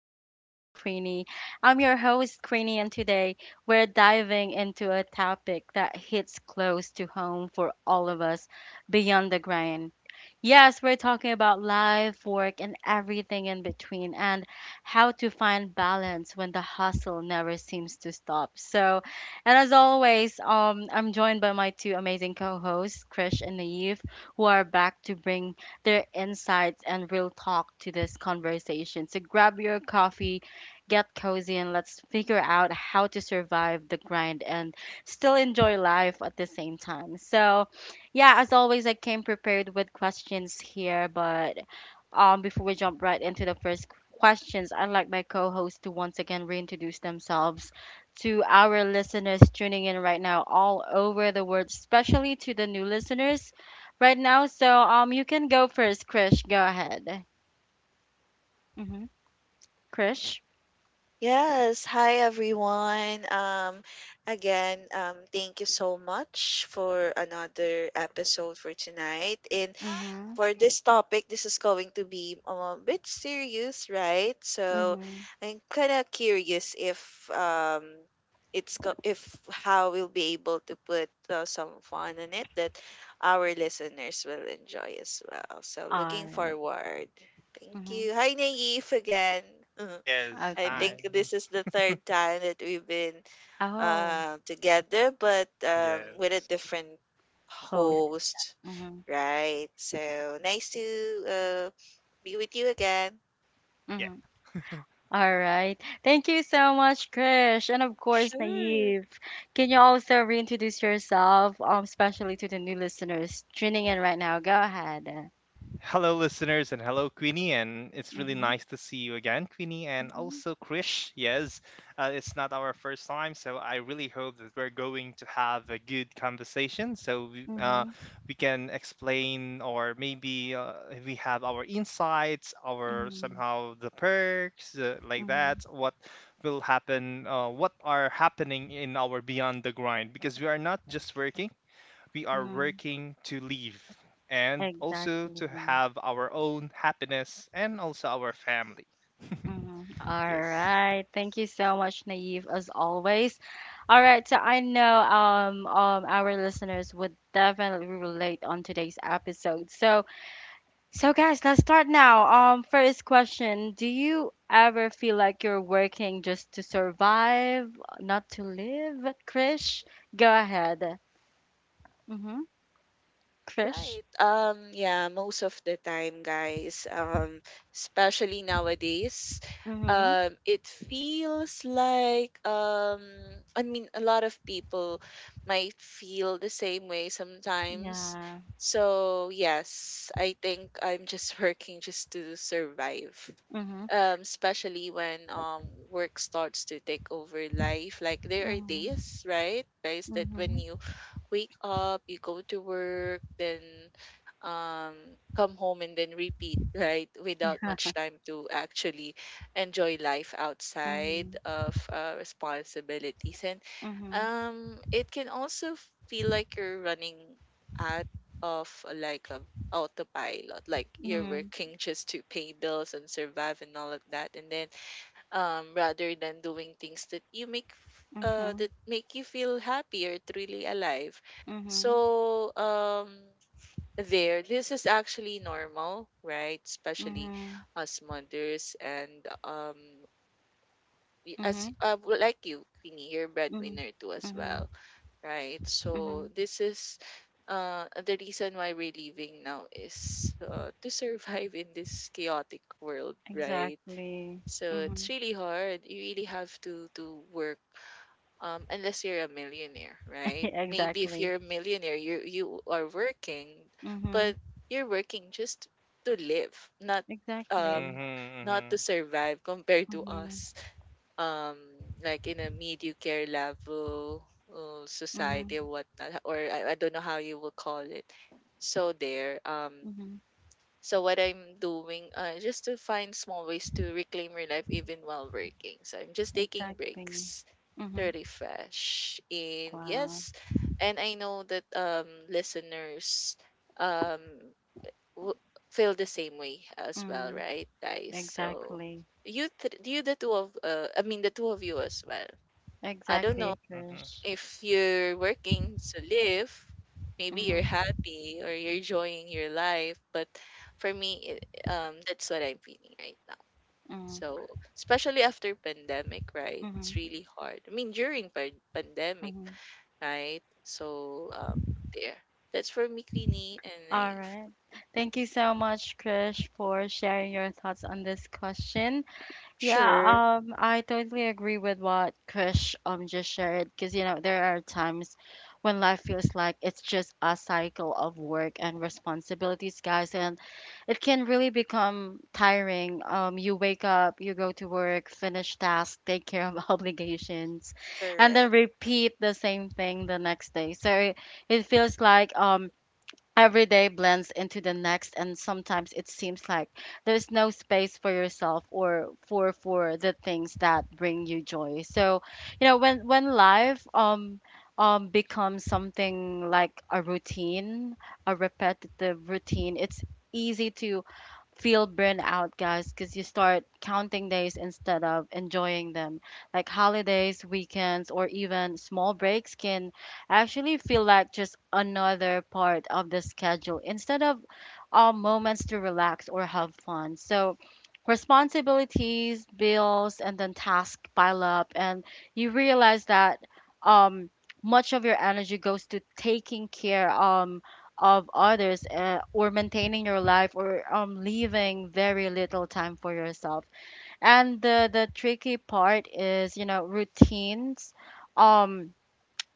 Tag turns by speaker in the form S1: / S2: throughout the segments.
S1: Talks with Queenie. I'm your host, Queenie, and today we're diving into a topic that hits close to home for all of us: beyond the grind. Yes, we're talking about life, work, and everything in between, and how to find balance when the hustle never seems to stop. And as always, I'm joined by my two amazing co-hosts, Krish and Naive, who are back to bring their insights and real talk to this conversation. So grab your coffee, get cozy, and let's figure out how to survive the grind and still enjoy life at the same time. So, yeah, as always, I came prepared with questions here, but before we jump right into the first questions, I'd like my co host to once again reintroduce themselves to our listeners tuning in right now all over the world, especially to the new listeners right now. So you can go first, Krish. Go ahead. Mm-hmm. Krish?
S2: Yes, hi everyone. Again, thank you so much for another episode for tonight. And
S1: Mm-hmm.
S2: for this topic, this is going to be a bit serious, right? So
S1: Mm-hmm.
S2: I'm kind of curious if how we'll be able to put some fun in it that our listeners will enjoy as well. So
S1: All
S2: looking
S1: right.
S2: forward. Thank
S1: Mm-hmm.
S2: you. Hi Naive again.
S3: Yes,
S2: I
S1: Okay.
S3: hi.
S2: think this is the third time that we've been
S1: Oh,
S2: together, but with a
S3: Yes.
S2: different
S1: host.
S2: host,
S1: Mm-hmm.
S2: right? So nice to uh, be with you again.
S3: Yeah.
S1: Mm-hmm. All right. Thank you so much, Krish. And of course,
S2: Sure.
S1: Naive. Can you also reintroduce yourself, especially to the new listeners tuning in right now? Go ahead.
S3: Hello, listeners, and hello, Queenie. And it's really
S1: Mm-hmm,
S3: nice to see you again, Queenie, and
S1: mm-hmm,
S3: also Krish. Yes, it's not our first time, so I really hope that we're going to have a good conversation so
S1: mm-hmm,
S3: we can explain, or maybe we have our insights, our
S1: mm-hmm,
S3: somehow the perks, like
S1: mm-hmm,
S3: that, what will happen, what are happening in our Beyond the Grind, because we are not just working we are
S1: mm-hmm.
S3: working to live, and also
S1: Exactly.
S3: to have our own happiness and also our family.
S1: Mm-hmm. All
S3: Yes.
S1: right. Thank you so much, Naive, as always. All right, so I know our listeners would definitely relate on today's episode. So guys, let's start now. First question: do you ever feel like you're working just to survive, not to live? Krish, go ahead. Mhm. Krish.
S2: Right. Yeah, most of the time, guys, especially nowadays,
S1: Mhm.
S2: it feels like, I mean, a lot of people might feel the same way sometimes.
S1: Yeah.
S2: So, yes, I think I'm just working just to survive.
S1: Mhm.
S2: Especially when work starts to take over life. Like there are
S1: Mhm.
S2: days, right, guys, that when
S1: Mhm.
S2: you wake up, you go to work, then um come home and then repeat, right? Without
S1: Yeah.
S2: much time to actually enjoy life outside
S1: Mhm.
S2: of responsibilities. And
S1: Mhm.
S2: it can also feel like you're running out of like a autopilot, like you're
S1: Mhm.
S2: working just to pay bills and survive and all of that, and then rather than doing things that
S1: Mhm.
S2: that make you feel happy or truly alive.
S1: Mhm.
S2: So this is actually normal, right? Especially
S1: Mhm.
S2: us mothers, and
S1: Mhm.
S2: like you, Queenie, you're
S1: Mhm.
S2: breadwinner too as well,
S1: Mhm.
S2: right? So
S1: Mhm.
S2: this is. The reason why we're living now is to survive in this chaotic world, right?
S1: Exactly.
S2: So it's
S1: Mhm.
S2: really hard. You really have to work unless you're a millionaire, right? Maybe if
S1: Exactly.
S2: you're a millionaire, you are working, but
S1: Mhm.
S2: you're working just to live, not um
S1: Exactly.
S3: Mm-hmm,
S2: not
S3: mm-hmm,
S2: to survive compared to
S1: Mhm.
S2: us. Um like in a mediocre level society
S1: Mhm.
S2: or whatnot, or I don't know how you will call it. So
S1: Mhm.
S2: so what I'm doing, just to find small ways to reclaim your life even while working. So I'm just taking
S1: Exactly.
S2: breaks to
S1: Mm-hmm.
S2: refresh. And
S1: Wow.
S2: yes, and I know that listeners um w- feel the same way as well,
S1: Mm,
S2: right, guys? So
S1: exactly.
S2: you th- you the two of I mean the two of you as well. I don't know
S3: mm-hmm,
S1: Exactly,
S3: mm-hmm.
S1: Krish.
S2: if you're working to live, maybe you're
S1: Mm-hmm.
S2: happy or you're enjoying your life. But for me, that's what I'm feeling right now.
S1: Mm,
S2: So especially after pandemic, right? It's
S1: mm-hmm.
S2: really hard. I mean, during pandemic,
S1: Mm-hmm.
S2: right? So there. That's for me, Queenie, and I
S1: All right. Thank you so much, Krish, for sharing your thoughts on this question. Yeah,
S2: Sure.
S1: I totally agree with what Kush just shared, because you know there are times when life feels like it's just a cycle of work and responsibilities, guys, and it can really become tiring. You wake up, you go to work, finish tasks, take care of obligations, and then
S2: Correct.
S1: repeat the same thing the next day. So it feels like every day blends into the next, and sometimes it seems like there's no space for yourself or for the things that bring you joy. So, you know, when life becomes something like a routine, a repetitive routine, it's easy to feel burned out, guys, because you start counting days instead of enjoying them. Like holidays, weekends, or even small breaks can actually feel like just another part of the schedule instead of moments to relax or have fun. So, responsibilities, bills, and then tasks pile up, and you realize that um, much of your energy goes to taking care. Of others or maintaining your life, or leaving very little time for yourself. And the tricky part is, you know, routines. Um,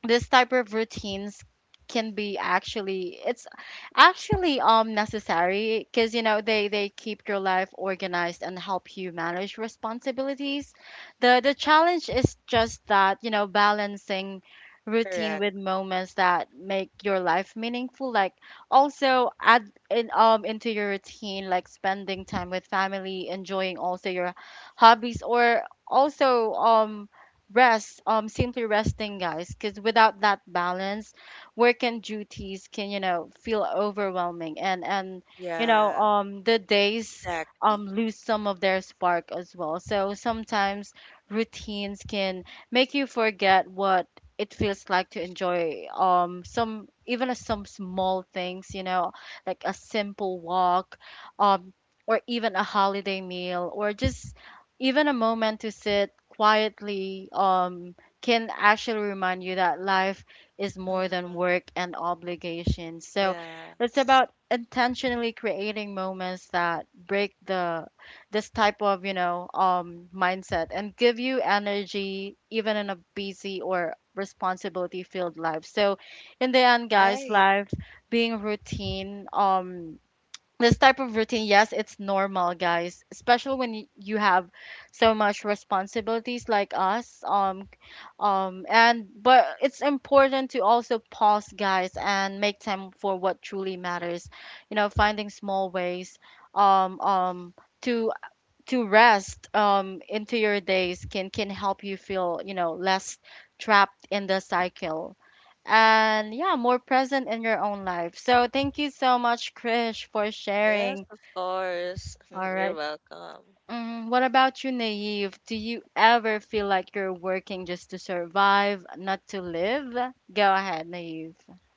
S1: this type of routines can be actually it's actually necessary, because you know they keep your life organized and help you manage responsibilities. The challenge is just that, you know, balancing routine
S2: Correct.
S1: with moments that make your life meaningful, like also add in into your routine, like spending time with family, enjoying also your hobbies, or also rest, simply resting, guys, because without that balance, work and duties can, you know, feel overwhelming, and you know,
S2: Yeah,
S1: the days
S2: exactly.
S1: lose some of their spark as well. So sometimes routines can make you forget what it feels like to enjoy some, some small things, you know, like a simple walk, um or even a holiday meal, or just even a moment to sit quietly, can actually remind you that life is more than
S2: Mm,
S1: work and obligations. So it's
S2: yes.
S1: about intentionally creating moments that break the this type of, you know, mindset and give you energy even in a busy or responsibility filled life. So in the end, guys,
S2: Right.
S1: life being routine, this type of routine, yes, it's normal, guys, especially when you have so much responsibilities like us. And but it's important to also pause, guys, and make time for what truly matters. You know, finding small ways, um, um, to rest, into your days, can help you feel, you know, less trapped in the cycle, and yeah, more present in your own life. So thank you so much, Krish, for
S2: Yes,
S1: sharing.
S2: of course.
S1: All
S2: You're
S1: right.
S2: welcome.
S1: Mm, what about you, Naive? Do you ever feel like you're working just to survive, not to live? Go ahead, Naive.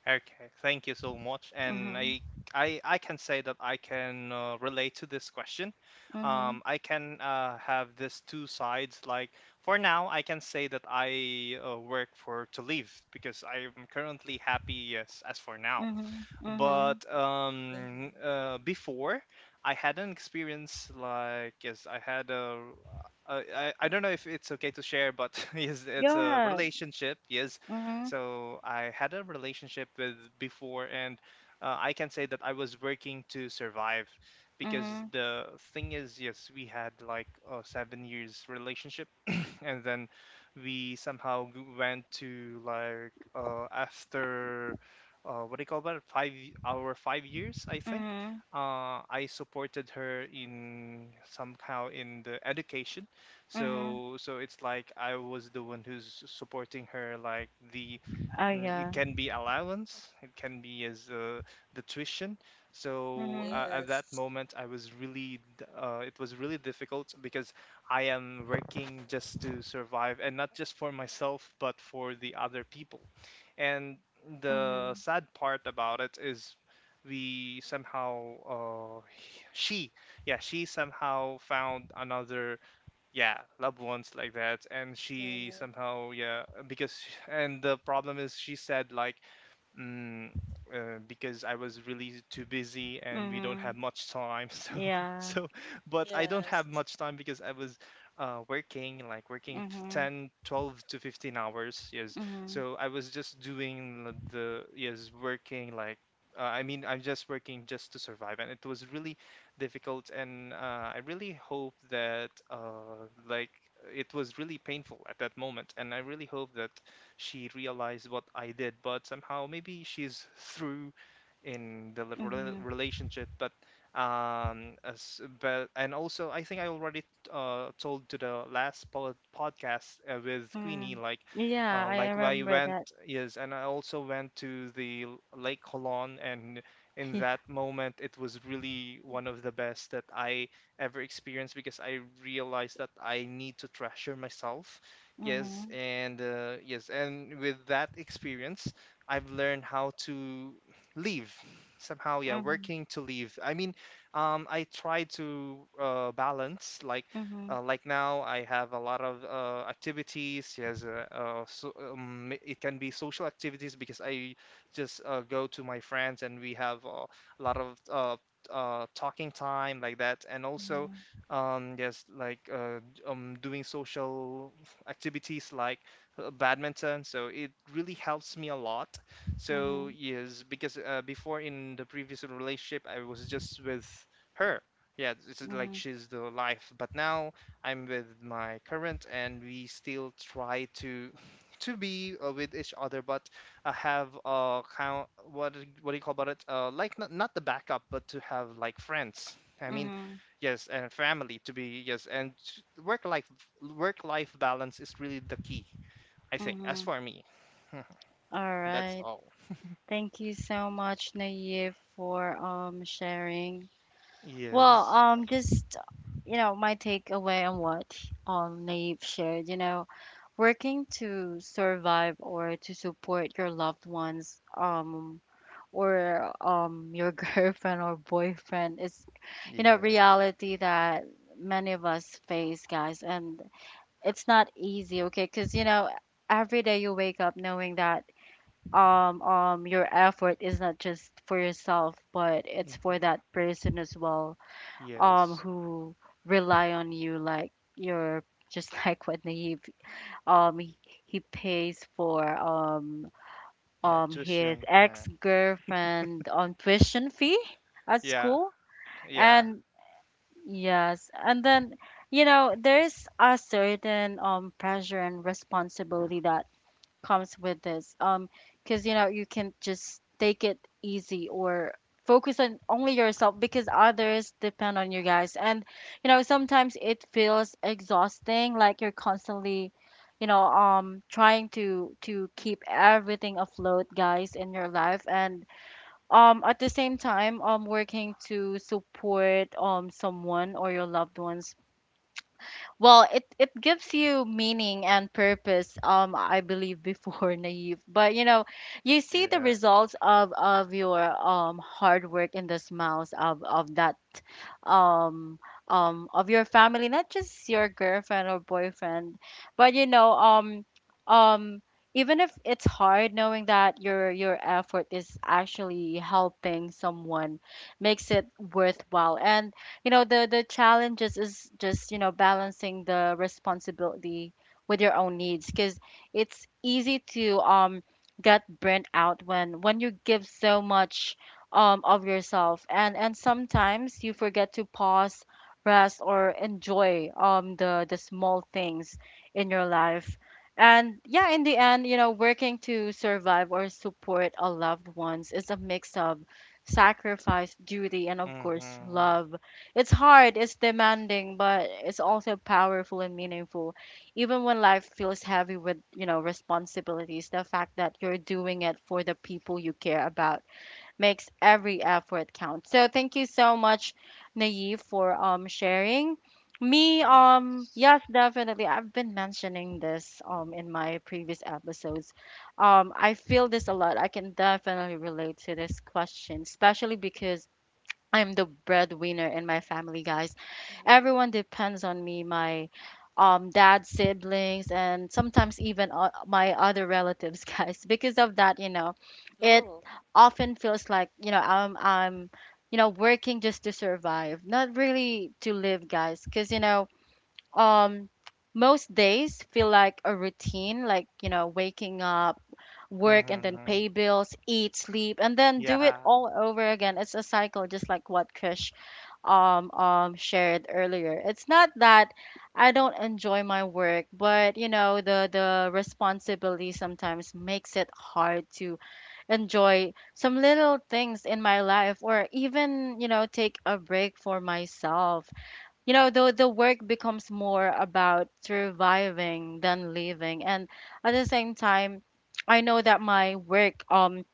S3: Okay, thank you so much. And
S1: Mhm.
S3: I, I, I can say that I can relate to this question.
S1: Mhm.
S3: I can have this two sides. Like for now, I can say that I work for to live because I am currently happy. Yes, as for now.
S1: Mhm. Mhm.
S3: But
S2: Mhm.
S3: before, I had an experience like yes, I had a. I don't know if it's okay to share, but yes, it's
S1: Go
S3: a
S1: ahead.
S3: relationship. Yes,
S1: Mhm.
S3: so I had a relationship with before, and I can say that I was working to survive, because
S1: Mhm.
S3: the thing is, yes, we had like a 7 years relationship, and then we somehow went to like after what do you call that our 5 years, I think
S1: Mhm.
S3: I supported her in somehow in the education,
S1: Mhm.
S3: so it's like I was the one who's supporting her like the
S1: Oh
S3: mm, It
S1: yeah.
S3: can be allowance, it can be as the tuition. So
S1: Mhm.
S3: at that
S2: Yes.
S3: moment I was really it was really difficult because I am working just to survive, and not just for myself, but for the other people. And the
S1: Mhm.
S3: sad part about it is we somehow, she, yeah, she somehow found another, yeah, loved ones like that. And she
S2: Mhm.
S3: somehow, yeah, because, and the problem is she said, like, mm, because I was really too busy and we don't have
S1: Mhm.
S3: much time.
S1: Yeah.
S3: So, but I don't
S2: Yes.
S3: have much time because I was working, like working
S1: Mhm.
S3: 10, 12 to 15 hours. Yes.
S1: Mhm.
S3: So I was just doing yes, working like, I mean, I'm just working just to survive, and it was really difficult. And I really hope that, like, it was really painful at that moment. And I really hope that she realized what I did, but somehow maybe she's through in the
S1: Mhm.
S3: relationship. But but and also I think I already told to the last podcast with Queenie
S1: Mhm.
S3: like.
S1: Yeah, I
S3: Like I
S1: remember
S3: went,
S1: that.
S3: yes, and I also went to the Lake Holon, and in
S1: Yeah.
S3: that moment, it was really one of the best that I ever experienced because I realized that I need to treasure myself. Yes,
S1: Mhm.
S3: and yes, and with that experience, I've learned how to leave somehow. Yeah,
S1: Mhm.
S3: working to leave. I mean, I try to balance like.
S1: Mhm.
S3: Like now, I have a lot of activities. Yes, so, it can be social activities because I just go to my friends and we have a lot of talking time like that. And also,
S1: Mhm.
S3: yes, like doing social activities like badminton. So it really helps me a lot. So
S1: Mhm.
S3: yes, because before in the previous relationship, I was just with her. Yeah, it's just like
S1: Mhm.
S3: she's the life. But now I'm with my current, and we still try to to be with each other, but have kind what do you call about it? Like not not the backup, but to have like friends. I mean,
S1: Mhm.
S3: yes, and family to be, yes, and work life work life balance is really the key, I think, as
S1: Mhm.
S3: for me.
S1: All
S3: That's
S1: right.
S3: all.
S1: Thank you so much, Naive, for sharing. Well,
S3: Yes.
S1: just you know, my takeaway on what Naive shared, you know, working to survive or to support your loved ones, or your girlfriend or boyfriend, is you know
S3: Yeah.
S1: reality that many of us face, guys, and it's not easy, okay, because you know every day you wake up knowing that your effort is not just for yourself, but it's for
S3: Mhm,
S1: that person as well,
S3: yes.
S1: who rely on you, like your, just like what Naive, um he, he pays for
S3: Yeah,
S1: his
S3: tuition, yeah,
S1: ex-girlfriend on tuition fee at
S3: yeah,
S1: school.
S3: yeah,
S1: And yes, and then you know there's a certain pressure and responsibility that comes with this, because you know you can just take it easy or focus on only yourself, because others depend on you, guys. And you know, sometimes it feels exhausting, like you're constantly, you know, trying to keep everything afloat, guys, in your life. And at the same time, working to support someone or your loved ones, well, it gives you meaning and purpose, I believe, before, Naive. But you know, you see the
S3: yeah.
S1: results of your hard work in the smiles of that um of your family, not just your girlfriend or boyfriend, but you know, um even if it's hard, knowing that your effort is actually helping someone makes it worthwhile. And you know the challenges is just, you know, balancing the responsibility with your own needs, because it's easy to get burnt out when you give so much of yourself, and sometimes you forget to pause, rest, or enjoy the small things in your life. And yeah, in the end, you know, working to survive or support a loved ones is a mix of sacrifice, duty, and of course
S3: Mhm.
S1: love. It's hard, it's demanding, but it's also powerful and meaningful. Even when life feels heavy with, you know, responsibilities, the fact that you're doing it for the people you care about makes every effort count. So thank you so much, Naive, for sharing. Me, yes, definitely. I've been mentioning this in my previous episodes. I feel this a lot. I can definitely relate to this question, especially because I'm the breadwinner in my family, guys.
S2: Mhm.
S1: Everyone depends on me. My dad, siblings, and sometimes even my other relatives, guys. Because of that, you know, it
S2: Oh,
S1: often feels like you know I'm you know working just to survive, not really to live, guys. Because you know um most days feel like a routine, like you know waking up, work, and then
S3: Mhm.
S1: pay bills, eat, sleep, and then do it
S3: Yeah.
S1: all over again. It's a cycle, just like what Krish shared earlier. It's not that I don't enjoy my work, but you know the responsibility sometimes makes it hard to enjoy some little things in my life, or even you know take a break for myself. You know the work becomes more about surviving than living. And at the same time, I know that my work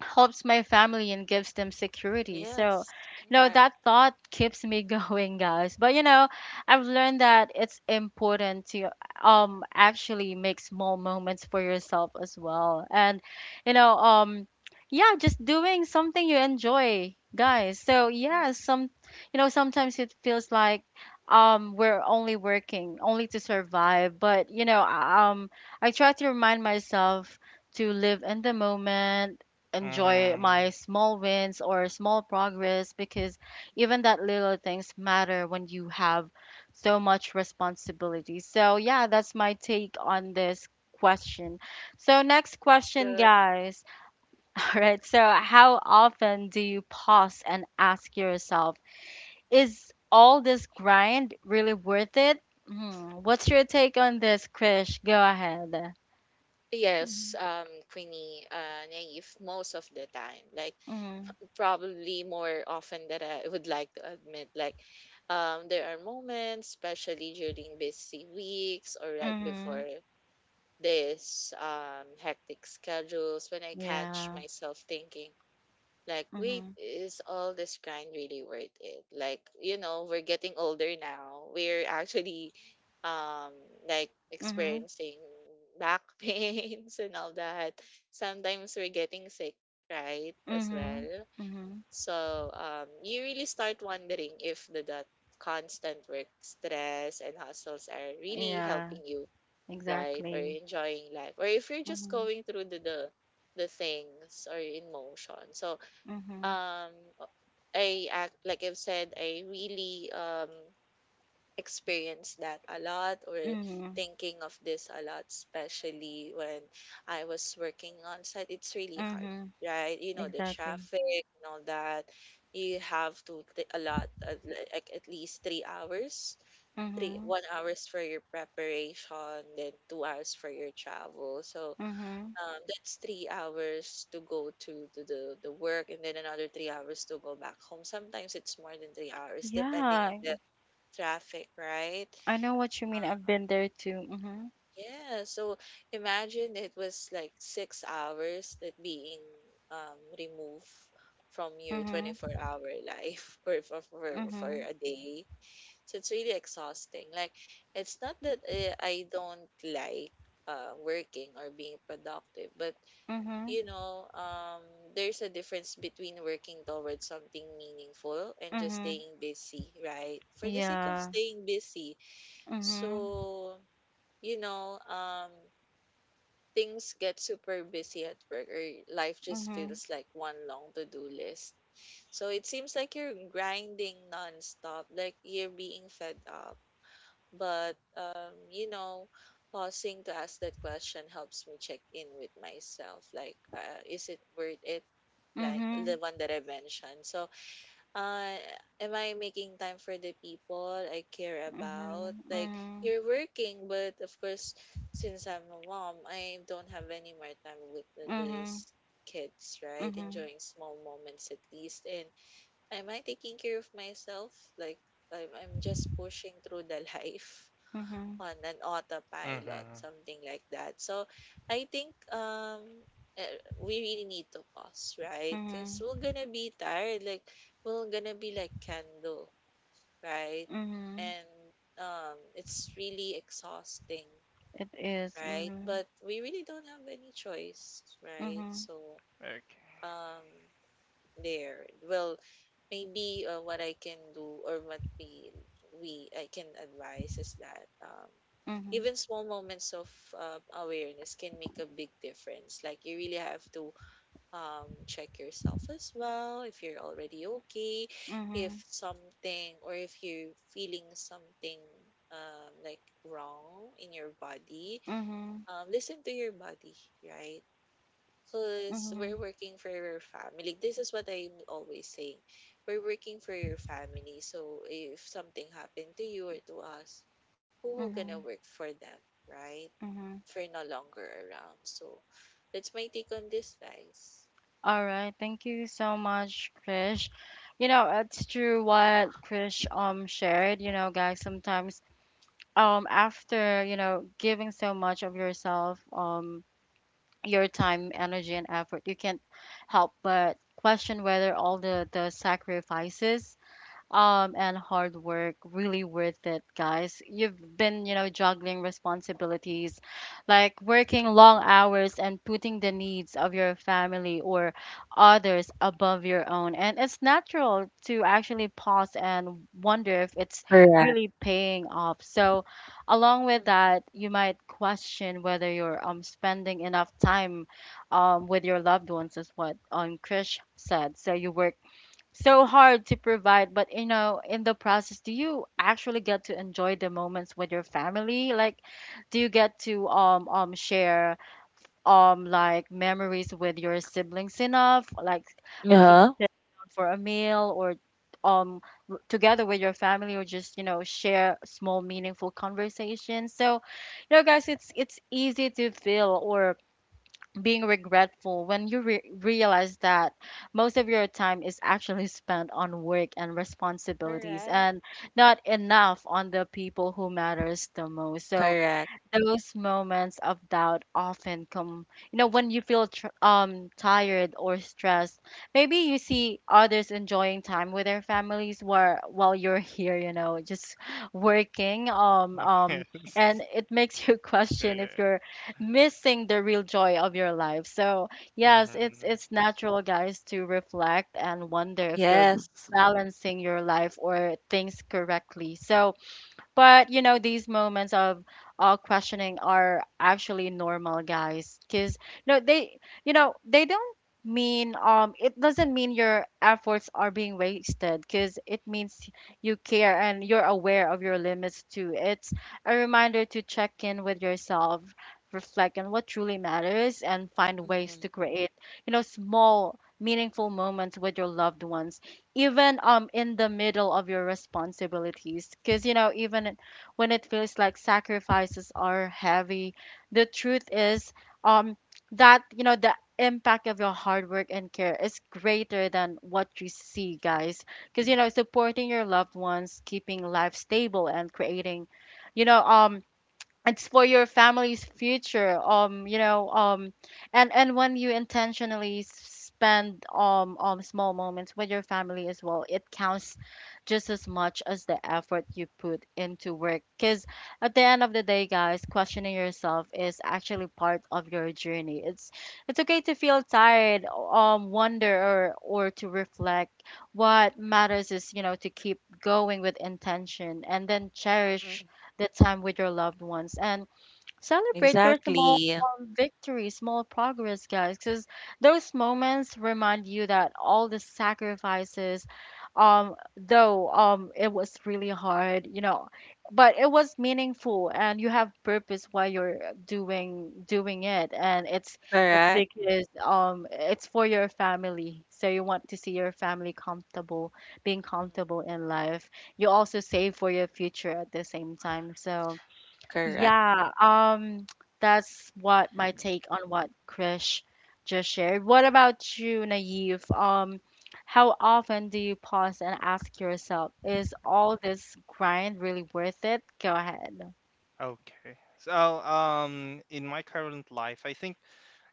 S1: helps my family and gives them security. So,
S2: yes.
S1: you know,
S2: Correct.
S1: that thought keeps me going, guys. But you know, I've learned that it's important to actually make small moments for yourself as well. And you know, yeah, just doing something you enjoy, guys. So, yeah,
S2: Mhm.
S1: some, you know, sometimes it feels like we're only working only to survive, but you know, I try to remind myself to live in the moment, enjoy my
S3: Mhm.
S1: small wins or small progress, because even that little things matter when you have so much responsibility. So yeah, that's my take on this question. So next
S2: That's
S1: question,
S2: good.
S1: guys. All right. So how often do you pause and ask yourself, is all this grind really worth it? Mhm. What's your take on this, Krish? Go ahead.
S2: Yes,
S1: hmm
S2: Queenie, Naive, most of the time. Like,
S1: Mm-hmm.
S2: probably more often than I would like to admit. Like, there are moments, especially during busy weeks or right
S1: Mm-hmm.
S2: before this hectic schedules, when I catch
S1: Yeah.
S2: myself thinking, like, wait,
S1: Mm-hmm.
S2: is all this grind really worth it? Like, you know, we're getting older now. We're actually um like
S1: Mm-hmm.
S2: experiencing back pains and all that. Sometimes we're getting sick, right? As
S1: Mhm.
S2: well.
S1: Mhm.
S2: So you really start wondering if the that constant work stress and hustles are really
S1: Yeah,
S2: helping you, right? Or
S1: exactly.
S2: enjoying life. Or if you're just
S1: Mhm.
S2: going through the things or emotion. So
S1: Mhm.
S2: um I act like I've said, I really experienced that a lot, or
S1: Mhm.
S2: thinking of this a lot, especially when I was working on site. It's really hard,
S1: Mhm.
S2: right? You know, the
S1: Exactly.
S2: traffic and all that. You have to take a lot, like at least 3 hours, three
S1: Mhm.
S2: one hours for your preparation, then 2 hours for your travel. So
S1: Mhm.
S2: that's 3 hours to go to, the work, and then another 3 hours to go back home. Sometimes it's more than 3 hours, depending on
S1: Yeah,
S2: the traffic, right?
S1: I know what you mean. I've been there too. Mhm.
S2: Yeah, so imagine, it was like 6 hours that being removed from your
S1: Mhm.
S2: 24-hour life or for
S1: Mhm.
S2: a day. So it's really exhausting. Like, it's not that I don't like working or being productive, but you
S1: Mhm.
S2: know, there's a difference between working towards something meaningful and just
S1: Mhm.
S2: staying busy, right? For the sake of
S1: Yeah.
S2: staying busy.
S1: Mhm.
S2: So, you know, um, things get super busy at work, or life just
S1: Mhm.
S2: feels like one long to-do list. So it seems like you're grinding nonstop, like you're being fed up. But, pausing to ask that question helps me check in with myself. Like, is it worth it? Like the
S1: Mhm.
S2: one that I mentioned. So, uh, am I making time for the people I care about? Like,
S1: Mhm.
S2: you're working, but of course, since I'm a mom, I don't have any more time with
S1: Mhm.
S2: these kids,
S1: Mhm.
S2: right?
S1: Mhm.
S2: Enjoying small moments at least. And am I taking care of myself? Like, I'm just pushing through the life
S1: Mhm.
S2: on an autopilot,
S3: Mhm.
S2: something like that. So I think we really need to pause, right? Because
S1: Mhm.
S2: we're gonna be tired. Like we're gonna be like candle, right?
S1: Mhm.
S2: And it's really exhausting,
S1: It is.
S2: right?
S1: Mhm.
S2: But we really don't have any choice, right?
S1: Mhm.
S2: So
S3: Okay.
S2: um there. Well, maybe what I can do, or what we I can advise, is that
S1: Mhm.
S2: even small moments of awareness can make a big difference. Like you really have to check yourself as well, if you're already okay, if
S1: Mhm.
S2: something, or if you're feeling something like wrong in your body.
S1: Mhm.
S2: Listen to your body, right? Because we're
S1: Mhm.
S2: working for your family. This is what I'm always saying. We're working for your family. So if something happened to you or to us, who will
S1: Mhm.
S2: gonna work for them, right?
S1: Mhm.
S2: If we're no longer around. So that's my take on this, guys.
S1: All right. Thank you so much, Krish. You know, it's true what Krish shared, you know, guys. Sometimes after, you know, giving so much of yourself, your time, energy and effort, you can't help but question whether all the sacrifices and hard work really worth it, guys. You've been, you know, juggling responsibilities, like working long hours and putting the needs of your family or others above your own. And it's natural to actually pause and wonder if it's
S2: Correct.
S1: really paying off. So, along with
S2: Mhm.
S1: that, you might question whether you're spending enough time with your loved ones, is what Krish said. So, you work so hard to provide, but you know, in the process, do you actually get to enjoy the moments with your family? Like, do you get to share like memories with your siblings enough, like at least
S2: Yeah.
S1: sit down for a meal, or um together with your family, or just, you know, share small meaningful conversations? So, you know guys, it's easy to feel or being regretful when you realize that most of your time is actually spent on work and responsibilities,
S2: Correct.
S1: and not enough on the people who matters the most. So
S2: Correct.
S1: those moments of doubt often come, you know, when you feel tired or stressed. Maybe you see others enjoying time with their families while you're here, you know, just working and it makes you question if
S3: Yeah.
S1: you're missing the real joy of your life. So yes, it's
S3: Mhm.
S1: natural, guys, to reflect and wonder if you're
S2: Yes.
S1: balancing your life or things correctly. So, but you know, these moments of questioning are actually normal, guys. Cause no, they, you know, they don't mean, it doesn't mean your efforts are being wasted. Cause it means you care and you're aware of your limits too. It's a reminder to check in with yourself, reflect on what truly matters, and find ways
S2: Mm-hmm.
S1: to create, you know, small meaningful moments with your loved ones, even in the middle of your responsibilities. Because you know, even when it feels like sacrifices are heavy, the truth is, um that, you know, the impact of your hard work and care is greater than what you see, guys. Because you know, supporting your loved ones, keeping life stable, and creating, you know, it's for your family's future, you know, and when you intentionally spend small moments with your family as well, it counts just as much as the effort you put into work. Because at the end of the day, guys, questioning yourself is actually part of your journey. It's okay to feel tired, wonder, or to reflect. What matters is, you know, to keep going with intention and then
S2: Mm-hmm.
S1: cherish that time with your loved ones. And celebrate your small
S2: Exactly.
S1: victories, small progress, guys, because those moments remind you that all the sacrifices, though it was really hard, you know, but it was meaningful, and you have purpose why you're doing it, and it's
S2: Correct.
S1: because, it's for your family. So you want to see your family comfortable, being
S2: Mm-hmm.
S1: comfortable in life. You also save for your future at the same time. So
S2: Correct.
S1: yeah, that's what my take on what Krish just shared. What about you, Naive? How often do you pause and ask yourself, is all this grind really worth it? Go ahead.
S3: Okay, so in my current life, I think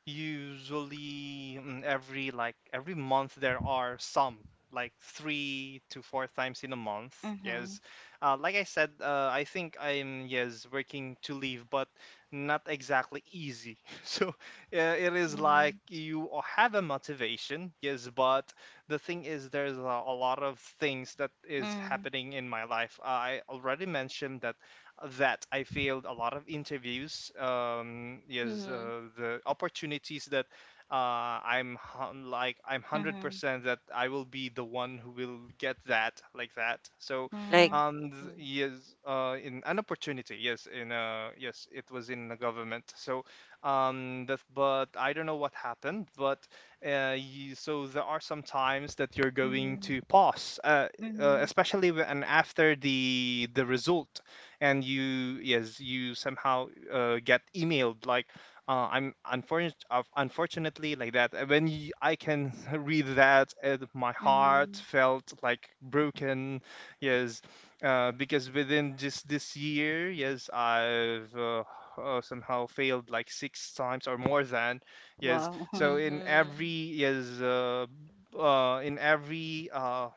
S3: usually, mm, every like every month there are some like 3 to 4 times in a month.
S1: Mm-hmm.
S3: Yes, like I said, I think I'm, yes, working to leave, but not exactly easy. So it is
S1: Mm-hmm.
S3: like you have a motivation, yes, but the thing is there's a lot of things that is
S1: Mm-hmm.
S3: happening in my life. I already mentioned that that I failed a lot of interviews. Yes,
S2: Mm-hmm.
S3: the opportunities that uh, like I'm hundred
S1: Mm-hmm.
S3: percent that I will be the one who will get that like that. So,
S1: Mm-hmm.
S2: Like
S3: yes, in an opportunity, yes, in yes, it was in the government. So, that, but I don't know what happened, but so there are some times that you're going
S1: Mm-hmm.
S3: to pause,
S1: Mm-hmm.
S3: especially when after the result, and you, yes, you somehow get emailed like I'm unfortunate unfortunately like that. And when you, I can read that my heart
S1: Mm-hmm.
S3: felt like broken. Yes, because within just this year, yes, I've somehow failed like 6 times or more than. Yes,
S1: Wow.
S3: so in every, in every uh,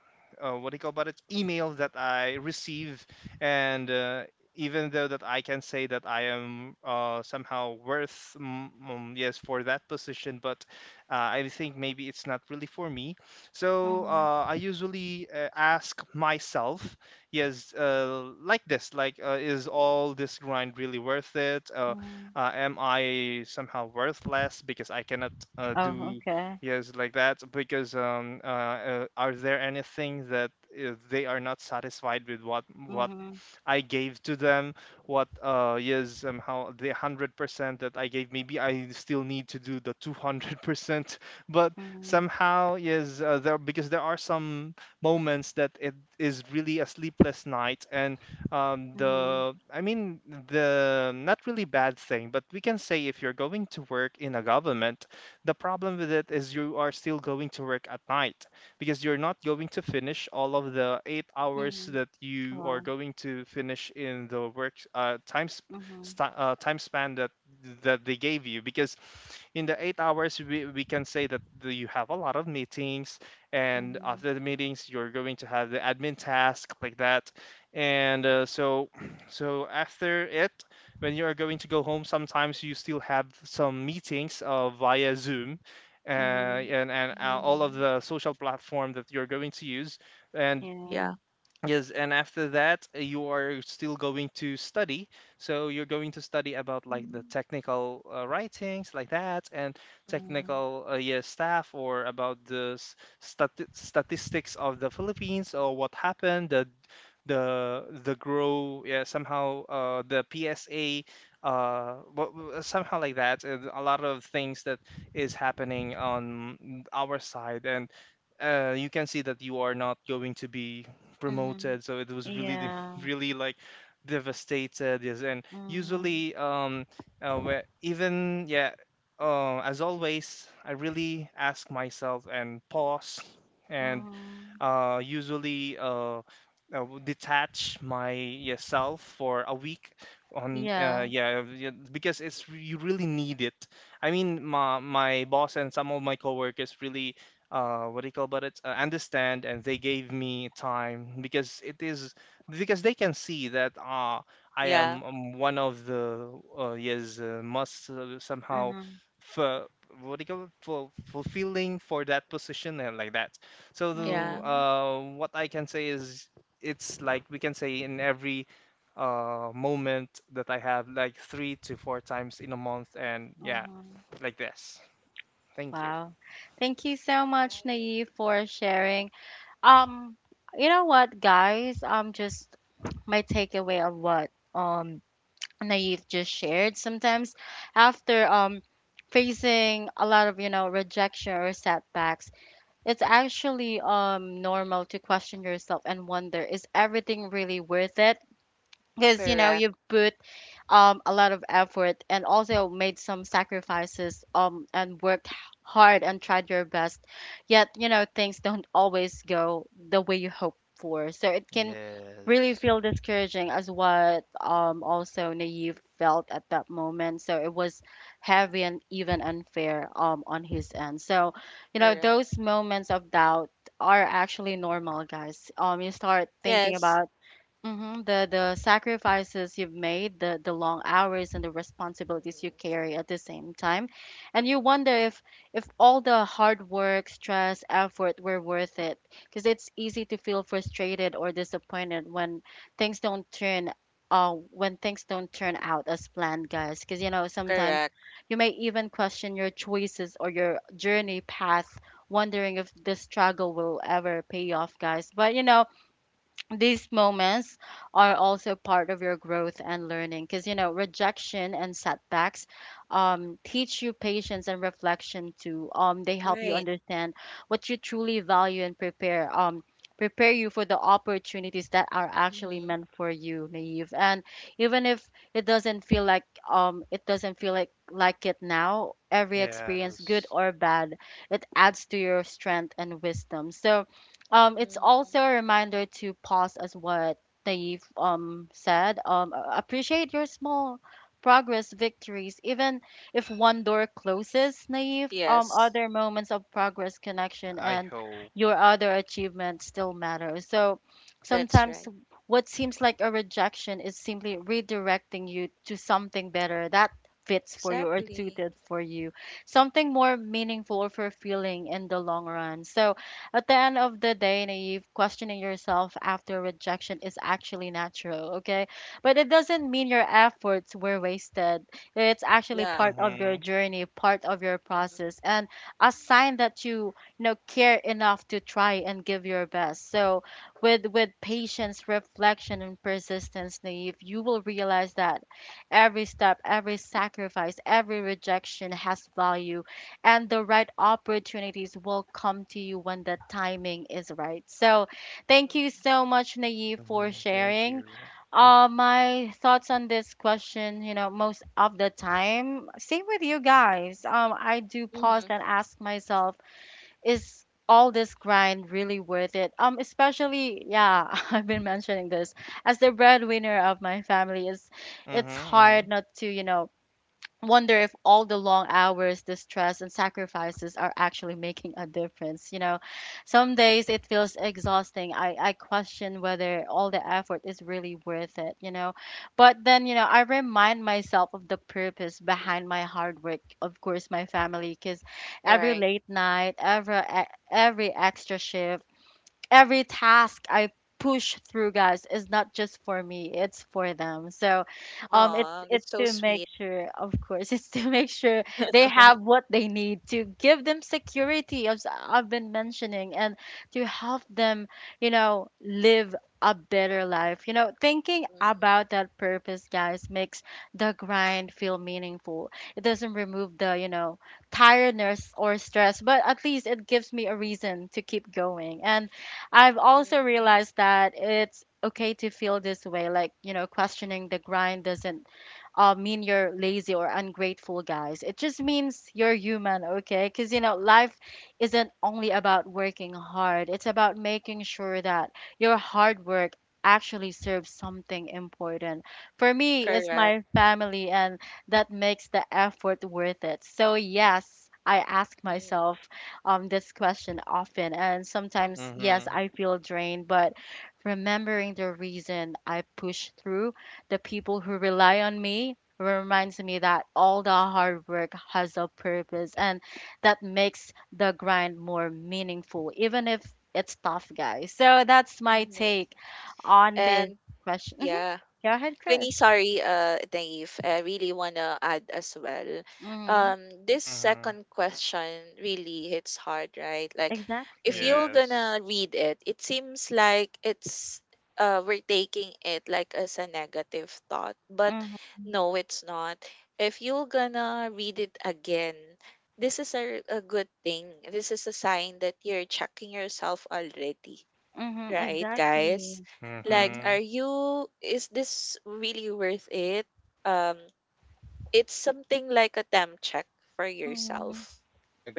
S3: uh, what do you call about it email that I receive, and even though that I can say that I am somehow worth, yes, for that position, but I think maybe it's not really for me. So
S1: Mm-hmm.
S3: I usually ask myself, yes, like this, like is all this grind really worth it?
S1: Mm-hmm.
S3: Am I somehow worthless because I cannot
S1: Oh,
S3: do,
S2: Mm-hmm.
S1: okay.
S3: yes, like that? Because are there anything that they are not satisfied with what
S1: Mm-hmm.
S3: I gave to them, what yes how the 100% that I gave. Maybe I still need to do the 200%, but
S1: Mm-hmm.
S3: somehow, yes, there because there are some moments that it is really a sleepless night, and
S1: Mm-hmm.
S3: the I mean the not really bad thing, but we can say if you're going to work in a government, the problem with it is you are still going to work at night because you're not going to finish all of the 8 hours
S1: Mm-hmm.
S3: that you are
S1: Wow.
S3: going to finish in the work
S1: Mm-hmm.
S3: time span that they gave you, because in the 8 hours we can say that you have a lot of meetings, and
S1: Mm-hmm.
S3: after the meetings you're going to have the admin task like that. And So so after it, when you are going to go home, sometimes you still have some meetings via Zoom,
S1: Mm-hmm.
S3: and all of
S2: Mhm.
S3: the social platform that you're going to use. And
S1: Yeah.
S2: Yeah.
S3: yes, and after that, you are still going to study. So you're going to study about like the
S2: Mhm.
S3: technical writings, like that, and
S1: Mm.
S3: technical yeah, staff, or about the statistics of the Philippines, or what happened, the grow, yeah, somehow the PSA, somehow like that. And a lot of things that is happening on our side, and you can see that you are not going to be
S1: Mm.
S3: promoted. So it was really,
S1: Yeah.
S3: really like devastated. Yes, and
S1: Mm.
S3: usually, where even, yeah, as always, I really ask myself and pause, and
S1: Mm.
S3: usually detach myself for a week on
S1: Yeah.
S3: yeah, yeah, because you really need it. I mean, my boss and some of my coworkers really what do you call about it, understand, and they gave me time, because it is because they can see that I
S2: Yeah.
S3: am one of the yes must somehow
S1: Mm-hmm.
S3: for what do you call it, fulfilling for that position and like that. So
S2: Yeah.
S1: Mm-hmm.
S3: what I can say is it's like we can say in every moment that I have like 3 to 4 times in a month, and yeah,
S1: Mm-hmm.
S3: like this. Thank you.
S1: Wow. Thank you so much,
S2: Right.
S1: Naive, for sharing. Um, you know what, guys? Just my takeaway of what um Naive just shared. Sometimes after facing a lot of, you know, rejection or setbacks, it's actually normal to question yourself and wonder, is everything really worth it? Because you know,
S2: Correct.
S1: you put, a lot of effort and also made some sacrifices, and worked hard and tried your best. Yet, you know, things don't always go the way you hope for. So it can really
S3: Yes.
S1: feel discouraging, as what also Naive felt at that moment. So it was heavy and even unfair on his end. So, you know,
S2: Correct.
S1: those moments of doubt are actually normal, guys. You start thinking
S2: Yes.
S1: about, mhm, the sacrifices you've made, the long hours, and the responsibilities you
S2: Mhm.
S1: carry at the same time. And you wonder if, all the hard work, stress, effort were worth it, because it's easy to feel frustrated or disappointed when things don't turn, when things don't turn out as planned, guys. Because you know, sometimes
S2: Correct.
S1: you may even question your choices or your journey path, wondering if the struggle will ever pay off, guys. But you know, these moments are also part of your growth and learning, because you know rejection and setbacks, teach you patience and reflection too. They help you
S2: Right.
S1: understand what you truly value and prepare, prepare you for the opportunities that are actually
S2: Mhm.
S1: meant for you, Naive. And even if it doesn't feel like, it doesn't feel like it now, every experience, good
S3: Yes.
S1: or bad, it adds to your strength and wisdom. So, it's
S2: Mhm.
S1: also a reminder to pause, as what they've said. Appreciate your small progress, victories, even if one door closes, Naive.
S2: Yes.
S1: Other moments of progress, connection,
S3: I
S1: and
S3: hope.
S1: your other achievements still matter. So
S2: That's
S1: sometimes
S2: right.
S1: what seems like a rejection is simply redirecting you to something better that fits for you or
S2: Exactly.
S1: suited for you, something more meaningful or fulfilling in the long run. So at the end of the day, Naive, questioning yourself after rejection is actually natural, okay? But it doesn't mean your efforts were wasted. It's actually
S2: Yeah.
S1: part of your
S3: Mhm.
S1: journey, part of your
S2: Mhm.
S1: process, and a sign that you know, care enough to try and give your best. So with patience, reflection, and persistence, Naive, you will realize that every step, every sacrifice, every rejection has value, and the right opportunities will come to you when the timing is right. So, thank you
S2: Mhm.
S1: so much, Naive, for
S3: Mhm. Thank
S1: sharing.
S3: you.
S1: My thoughts on this question, you know, most of the time, same with you guys. I do pause
S2: Mhm.
S1: and ask myself, is all this grind really worth it? Especially, yeah, I've been mentioning this as the breadwinner of my family. Is It's
S3: Mhm.
S1: hard
S3: Mhm.
S1: not to, you know, wonder if all the long hours, the stress, and sacrifices are actually making a difference. You know, some days it feels exhausting. I question whether all the effort is really worth it, you know. But then, you know, I remind myself of the purpose behind my hard work. Of course, my family, because
S2: All
S1: every
S2: right.
S1: late night, every extra shift, every task I push through, guys, is not just for me; it's for them. So, it's
S2: Oh, that's so
S1: to make
S2: sweet.
S1: sure, of course, it's to make sure they have what they need, to give them security, as I've been mentioning, and to help them, you know, live a better life. You know, thinking
S2: Mhm.
S1: about that purpose, guys, makes the grind feel meaningful. It doesn't remove the, you know, tiredness or stress, but at least it gives me a reason to keep going. And I've also
S2: Mhm.
S1: realized that it's okay to feel this way. Like, you know, questioning the grind doesn't, mean you're lazy or ungrateful, guys. It just means you're human, okay? Because, you know, life isn't only about working hard, it's about making sure that your hard work actually serves something important. For me, it's
S2: Correct.
S1: my family, and that makes the effort worth it. So, yes. I ask
S2: Mhm.
S1: myself, this question often, and sometimes, yes,
S3: Mhm.
S1: I feel drained, but remembering the reason I push through, the people who rely on me, reminds me that all the hard work has a purpose, and that makes the grind more meaningful, even if it's tough, guys. So that's my
S2: Mhm.
S1: take on this
S2: And
S1: question.
S2: yeah.
S1: Go ahead, Krish.
S2: Queenie, sorry, Dave. I really wanna add as well.
S1: hmm
S2: This
S3: Mhm.
S2: second question really hits hard, right? Like, if
S1: Exactly.
S2: you're
S3: Yes.
S2: gonna read it, it seems like it's we're taking it like as a negative thought, but
S1: hmm
S2: no, it's not. If you're gonna read it again, this is a good thing. This is a sign that you're checking yourself already,
S1: Mm-hmm,
S2: right, guys?
S1: exactly.
S2: Like,
S1: Mm-hmm,
S3: Mhm.
S2: are you, is this really worth it? um it's something like a temp check for
S1: mm-hmm.
S2: yourself,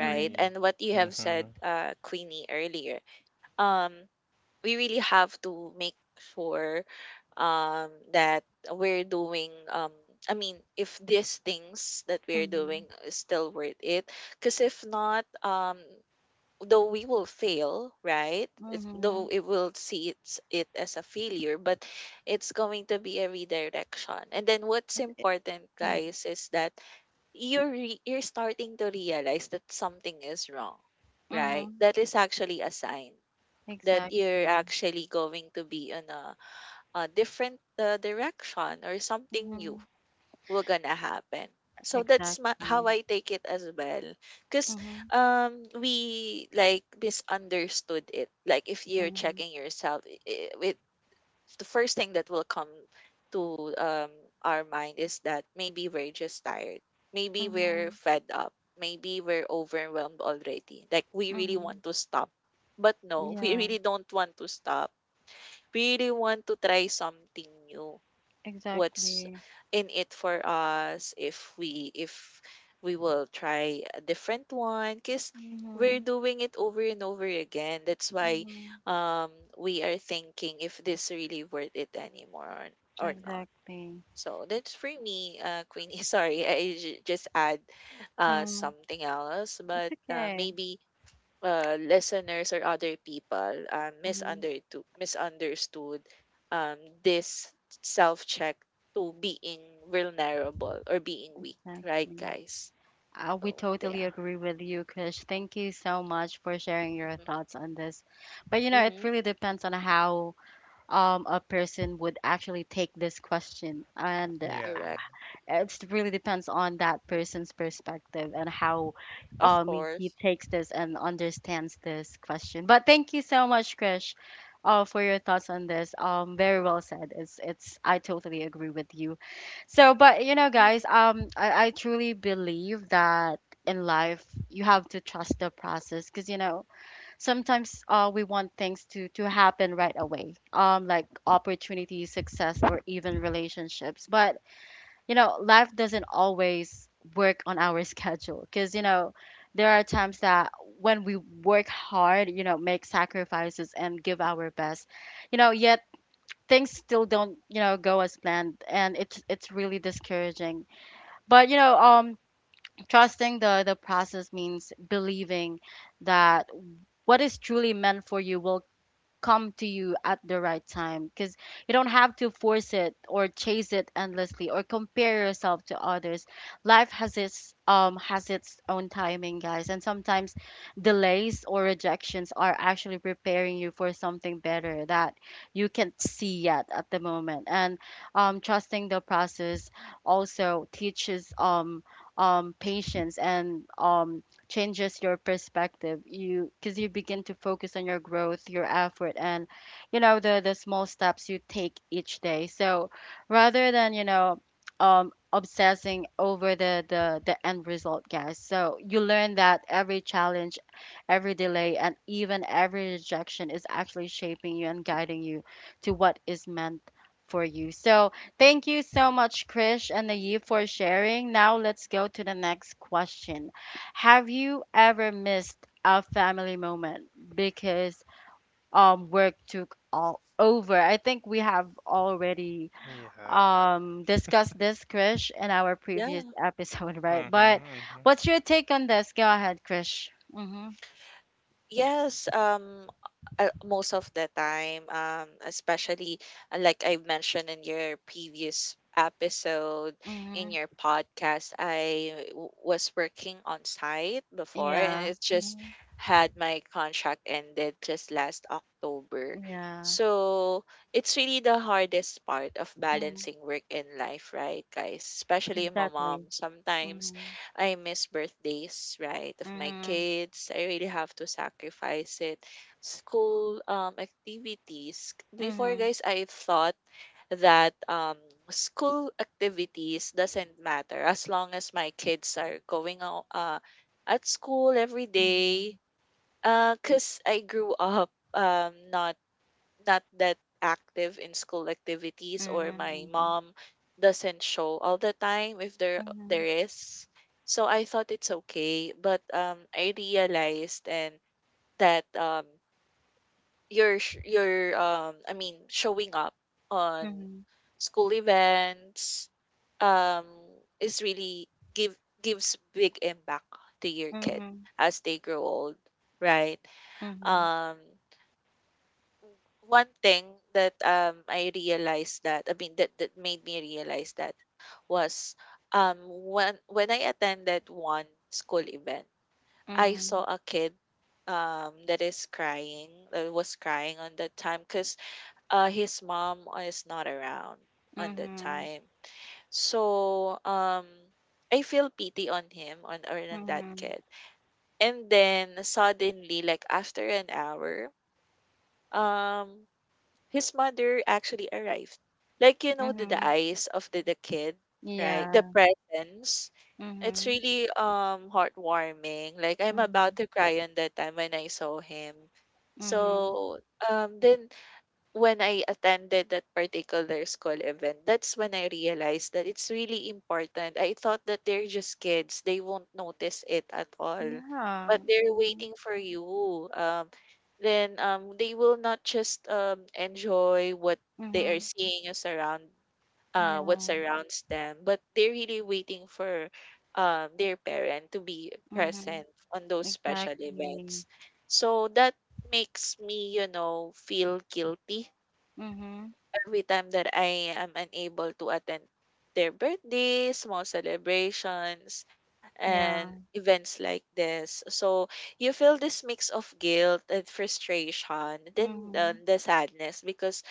S1: Mm-hmm.
S2: And what you have said,
S3: Mhm.
S2: Queenie, earlier, um we really have to make sure, that we're doing, I mean, if these things that we're doing
S1: Mhm,
S2: is still worth it, because if not, though we will fail, right?
S1: mhm.
S2: Though it will see it as a failure, but it's going to be a redirection. And then what's
S1: It's
S2: important,
S1: okay.
S2: guys, is that you're starting to realize that something is wrong, right?
S1: Mhm,
S2: That is actually a sign that you're
S1: exactly.
S2: actually going to be in a different direction, or something new
S1: Mhm,
S2: will gonna happen. So that's how
S1: exactly.
S2: I take it as well. Because
S1: Mhm,
S2: we like misunderstood it. Like if you're
S1: mhm,
S2: checking yourself, with the first thing that will come to our mind is that maybe we're just tired. Maybe we're
S1: mhm,
S2: fed up. Maybe we're overwhelmed already. Like we really
S1: mhm.
S2: want to stop. But no, we
S1: Yeah,
S2: really don't want to stop. We really want to try something new, what's
S1: exactly.
S2: in it for us if we will try a different one, because we're
S1: Mhm,
S2: doing it over and over again. That's why
S1: mhm,
S2: um we are thinking if this really worth it anymore, or not.
S1: exactly.
S2: So that's for me, Queenie, sorry, I just add
S1: Mm,
S2: something else,
S1: it's
S2: but
S1: okay.
S2: maybe listeners or other people
S1: Mhm,
S2: misunderstood um, this self check to being vulnerable or being weak, right,
S1: exactly.
S2: guys?
S1: We
S2: So there.
S1: totally agree with you, Krish. Thank you so much for sharing your
S2: Mm-hmm.
S1: thoughts on this. But you know, it
S2: Mm-hmm.
S1: really depends on how a person would actually take this question, and
S3: Yeah.
S2: Correct.
S1: it really depends on that person's perspective and how
S2: Of
S1: he
S2: course.
S1: takes this and understands this question. But thank you so much, Krish, for your thoughts on this. Very well said. It's I totally agree with you. So, but you know,
S2: Mm,
S1: guys, I truly believe that in life you have to trust the process, because you know sometimes we want things to happen right away, like opportunities, success, or even relationships. But you know, life doesn't always work on our schedule, because, you know, there are times that, when we work hard, you know, make sacrifices and give our best, you know, yet things still don't, you know, go as planned, and it's really discouraging. But, you know, trusting the process means believing that what is truly meant for you will come to you at the right time, because you don't have to force it or chase it endlessly or compare yourself to others. Life has its own timing, guys, and sometimes delays or rejections are actually preparing you for something better that you can't see yet at the moment. And trusting the process also teaches patience, and changes your perspective, you because you begin to focus on your growth, your effort, and, you know, the small steps you take each day. So rather than, you know, obsessing over the end result, guys, so you learn that every challenge, every delay, and even every rejection is actually shaping you and guiding you to what is meant for you. So thank you so much, Krish and Naive, for sharing. Now let's go to the next question: have you ever missed a family moment because work took all over? I think we have already
S3: Yeah.
S1: discussed this, Krish, in our previous
S2: yeah.
S1: episode, right? But
S3: Mhm. Mhm.
S1: what's your take on this? Go ahead, Krish. Mm-hmm.
S2: Yes, most of the time, especially like I mentioned in your previous episode, in
S1: Mm-hmm.
S2: your podcast, I was working on site before, and
S1: Yeah.
S2: it just
S1: Mm-hmm.
S2: had my contract ended just last October.
S1: Yeah.
S2: So it's really the hardest part of
S1: Mm-hmm.
S2: balancing work and life, right, guys? Especially my
S1: Exactly.
S2: mom. Sometimes
S1: Mm-hmm.
S2: I miss birthdays, right, of my
S1: Mm-hmm.
S2: kids. I really have to sacrifice it. School activities. Before,
S1: Mm-hmm.
S2: guys, I thought that school activities doesn't matter as long as my kids are going out at school every day. Cause I grew up not that active in school activities, or
S1: Mm-hmm.
S2: my
S1: Mm-hmm.
S2: mom doesn't show all the time if there
S1: Mm-hmm.
S2: there is So I thought it's okay, but I realized and that you're showing up on
S1: Mm-hmm.
S2: school events um is really give gives big impact to your
S1: Mm-hmm.
S2: kid
S1: Mm-hmm.
S2: as they grow old, right?
S1: Mm-hmm.
S2: um one thing that I realized, that made me realize, that was when I attended one school event, I
S1: Mm-hmm,
S2: saw a kid that was crying on that time because his mom is not around on that
S1: mm-hmm.
S2: time. So I feel pity on him on or on that
S1: Mhm,
S2: kid. And then suddenly, like after an hour, um his mother actually arrived. You know, the
S1: mhm.
S2: eyes of the kid, right? The
S1: Yeah.
S2: presence. It's
S1: Mhm,
S2: really heartwarming. Like, I'm
S1: mhm,
S2: about to cry on that time when I saw him.
S1: mhm.
S2: So the when I attended that particular school event, that's when I realized that it's really important. I thought that they're just kids, they won't notice it at all.
S1: Yeah.
S2: But they're
S1: Mhm,
S2: waiting for you. Then they will not just enjoy what they are
S1: mhm.
S2: seeing as around, what
S1: Yeah.
S2: surrounds them, but they're really waiting for their parent to be
S1: Mhm.
S2: present on those special
S1: Exactly.
S2: events. So that makes me, you know, feel guilty
S1: Mhm.
S2: every time that I am unable to attend their birthdays, small celebrations, and
S1: Yeah.
S2: events like this. So you feel this mix of guilt and frustration, then
S1: Mhm.
S2: the sadness, because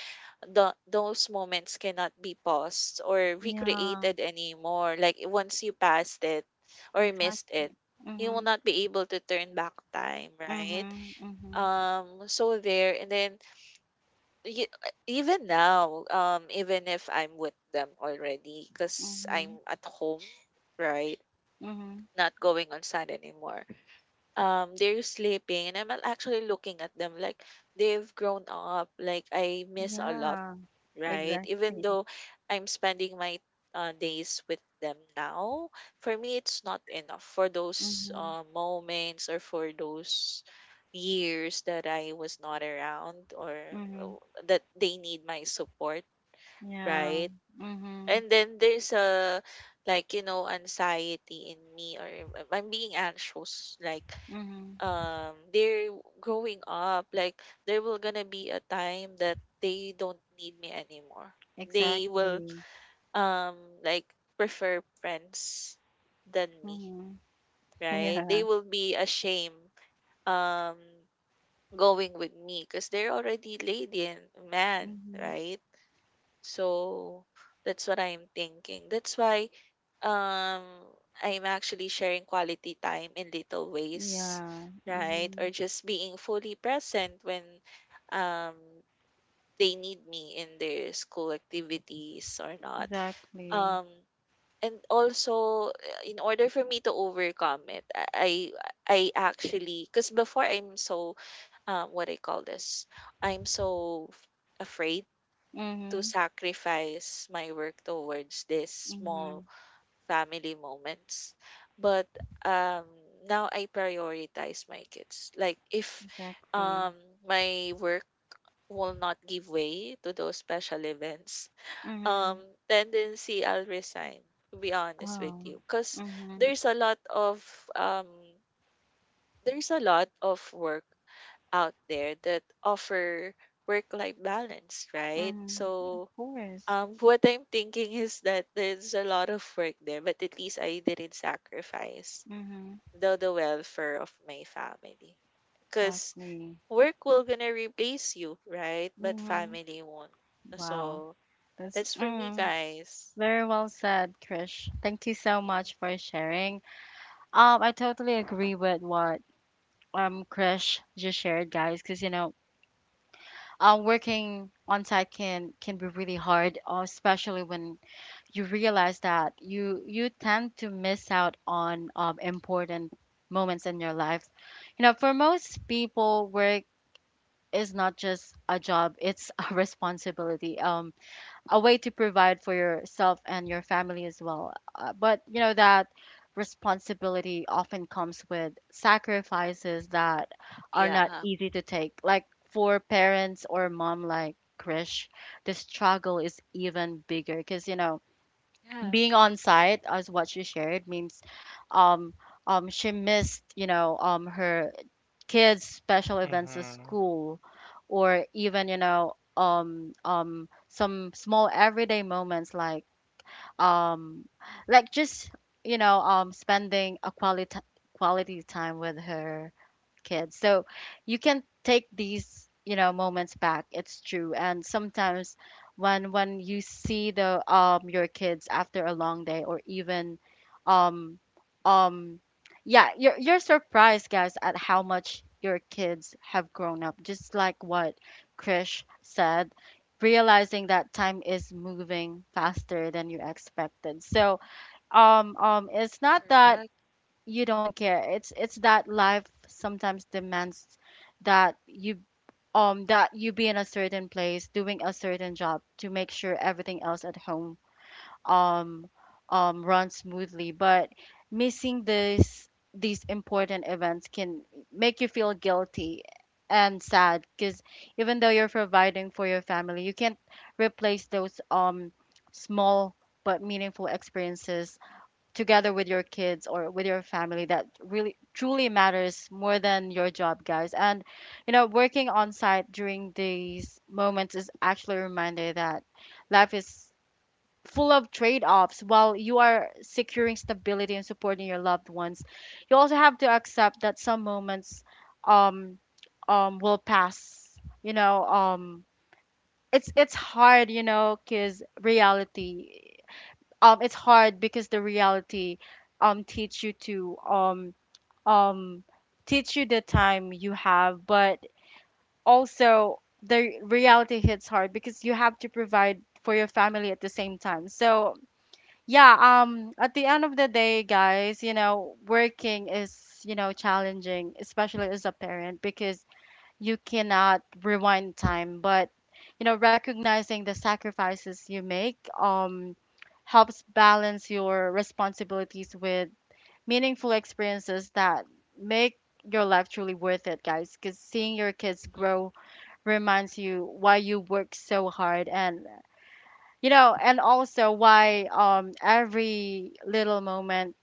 S2: those moments cannot be paused or
S1: Yeah.
S2: recreated anymore. Like, once you passed it or missed it,
S1: Exactly.
S2: you will
S1: Mhm,
S2: not be able to turn back time, right?
S1: mhm, mhm,
S2: So there, and then you, even now, even if I'm with them already, because I'm
S1: mhm,
S2: at home, right?
S1: mhm.
S2: Not going on sun anymore. They're sleeping, and I'm actually looking at them like they've grown up. Like, I miss a lot,
S1: Yeah.
S2: right? Even
S1: Exactly.
S2: though I'm spending my days with them now, for me, it's not enough for those
S1: Mhm,
S2: moments or for those years that I was not around, or
S1: mhm.
S2: uh, that they need my support,
S1: Yeah.
S2: right?
S1: Mhm,
S2: And then there's a, like, you know, anxiety in me, or I'm being anxious, like
S1: mhm.
S2: they're growing up, like there will gonna be a time that they don't need me anymore. They will
S1: Exactly.
S2: um like prefer friends than me,
S1: Mhm.
S2: right?
S1: Yeah.
S2: They will be ashamed um going with me because they're already lady and man,
S1: Mhm.
S2: right? So that's what I'm thinking. That's why um I'm actually sharing quality time in little ways,
S1: Yeah.
S2: right? Or
S1: Mhm.
S2: just being fully present when um they need me in their school activities or not.
S1: Exactly.
S2: Um and also in order for me to overcome it, I actually, because before I'm so what I call this, I'm so afraid to
S1: Mhm.
S2: sacrifice my work towards these small
S1: Mhm.
S2: family moments. But um, now I prioritize my kids. Like, if
S1: Exactly.
S2: um, my work will not give way to those special events, um,
S1: Mhm.
S2: tendency I'll resign. To be honest with
S1: Oh.
S2: you, because
S1: Mhm.
S2: there's a lot of um, there's a lot of work out there that offer work life balance, right?
S1: Mhm. Of
S2: So
S1: course.
S2: what I'm thinking is that there's a lot of work there, but at least I didn't sacrifice
S1: Mhm.
S2: the welfare of my family. Cause
S1: Exactly.
S2: work will gonna replace you, right? But
S1: Mhm.
S2: family won't.
S1: Wow.
S2: So
S1: That's
S2: that's for me,
S1: mhm.
S2: guys.
S1: Very well said, Krish. Thank you so
S2: Mhm.
S1: much for sharing. I totally agree with what Krish just shared, guys, because you know, working on site can be really hard, especially when you realize that you tend to miss out on important moments in your life. You know, for most people work is not just a job, it's a responsibility, a way to provide for yourself and your family as well. But you know that responsibility often comes with sacrifices that are not
S2: Yeah.
S1: easy to take, like for parents or mom like Krish. The struggle is even bigger, because you know
S2: Yeah,
S1: being on site, as what she shared, means um she missed, you know, her kids' special events at
S3: Mhm.
S1: school, or even, you know, some small everyday moments, like um just, you know, spending a quality time with her kids. So you can take these, you know, moments back. It's true, and sometimes when you see the your kids after a long day, or even um um yeah, you're surprised, guys, at how much your kids have grown up, just like what Krish said, realizing that time is moving faster than you expected. So it's not that
S2: correct.
S1: you don't care. It's that life sometimes demands that you that you be in a certain place doing a certain job to make sure everything else at home um, run smoothly. But missing this these important events can make you feel guilty and sad, because even though you're providing for your family, you can't replace those small but meaningful experiences together with your kids or with your family that really truly matters more than your job, guys. And working on site during these moments is actually a reminder that life is full of trade offs. While you are securing stability and supporting your loved ones, you also have to accept that some moments um, will pass. You know, um, it's hard, because reality. It's hard because the reality um teach you to um um teach you the time you have, but also the reality hits hard because you have to provide for your family at the same time. So yeah, at the end of the day, guys, you know, working is, you know, challenging, especially as a parent, because you cannot rewind time. But, you know, recognizing the sacrifices you make, helps balance your responsibilities with meaningful experiences that make your life truly worth it, guys. Because seeing your kids grow reminds you why you work so hard, and, you know, and also why every little moment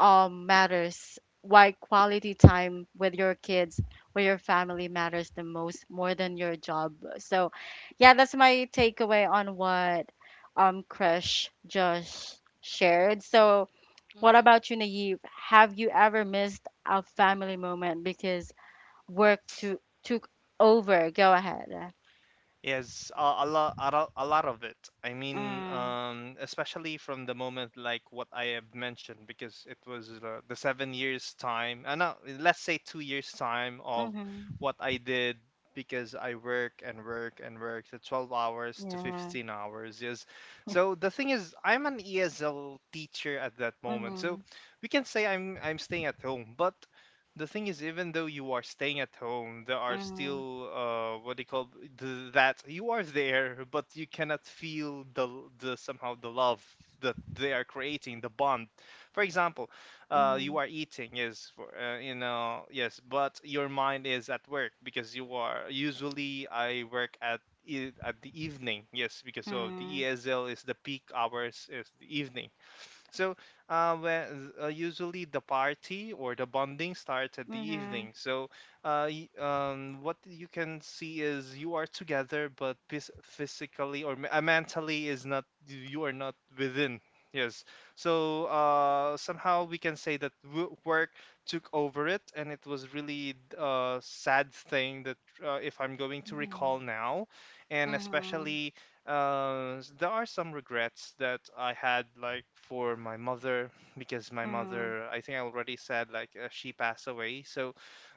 S1: matters, why quality time with your kids, with your family, matters the most, more than your job. So yeah, that's my takeaway on what Krish just shared. So what
S2: Mm-hmm.
S1: about you, Naive? Have you ever missed a family moment because work to took over? Go ahead.
S3: Yes, a lot, a lot of it. I mean,
S1: Mm,
S3: especially from the moment like what I have mentioned, because it was the 7 years time, and no, let's say 2 years time of
S1: mm-hmm,
S3: what I did, because I work and work and work the 12 hours to
S1: yeah,
S3: 15 hours. Yes. So the thing is, I'm an ESL teacher at that moment, so
S1: mm-hmm.
S3: we can say I'm staying at home. But the thing is, even though you are staying at home, there are
S1: Mhm,
S3: still, what do you call, that you are there, but you cannot feel the the, somehow, the love that they are creating, the bond. For example, you
S1: mhm,
S3: are eating, yes, for, yes, but your mind is at work because you are usually, I work at at the evening, yes, because of the
S1: mhm,
S3: ESL, is the peak hours is the evening. So, when, usually the party or the bonding starts at the
S1: mhm,
S3: evening. So, what you can see is you are together, but physically or mentally is not, you are not within. Yes. So somehow we can say that work took over it, and it was really a sad thing that, if I'm going to
S1: mhm,
S3: recall now, and
S1: mhm,
S3: especially, there are some regrets that I had, like for my mother, because my
S1: mhm,
S3: mother, I think I already said, like, she passed away. So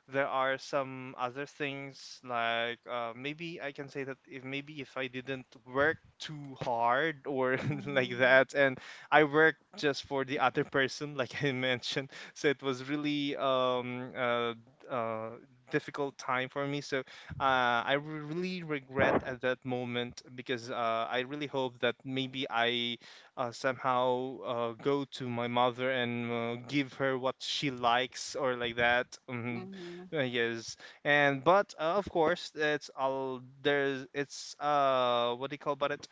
S3: there are some other things, like, maybe I can say that if, maybe if I didn't work too hard or like
S1: mhm,
S3: that, and I worked just for the other person, like I mentioned. So it was really uh difficult time for me. So I really regret at that moment, because, I really hope that maybe I, somehow, go to my mother and, give her what she likes, or like that.
S1: mhm,
S3: Yes. And but, of course, it's all, there's, it's, what do you call about it?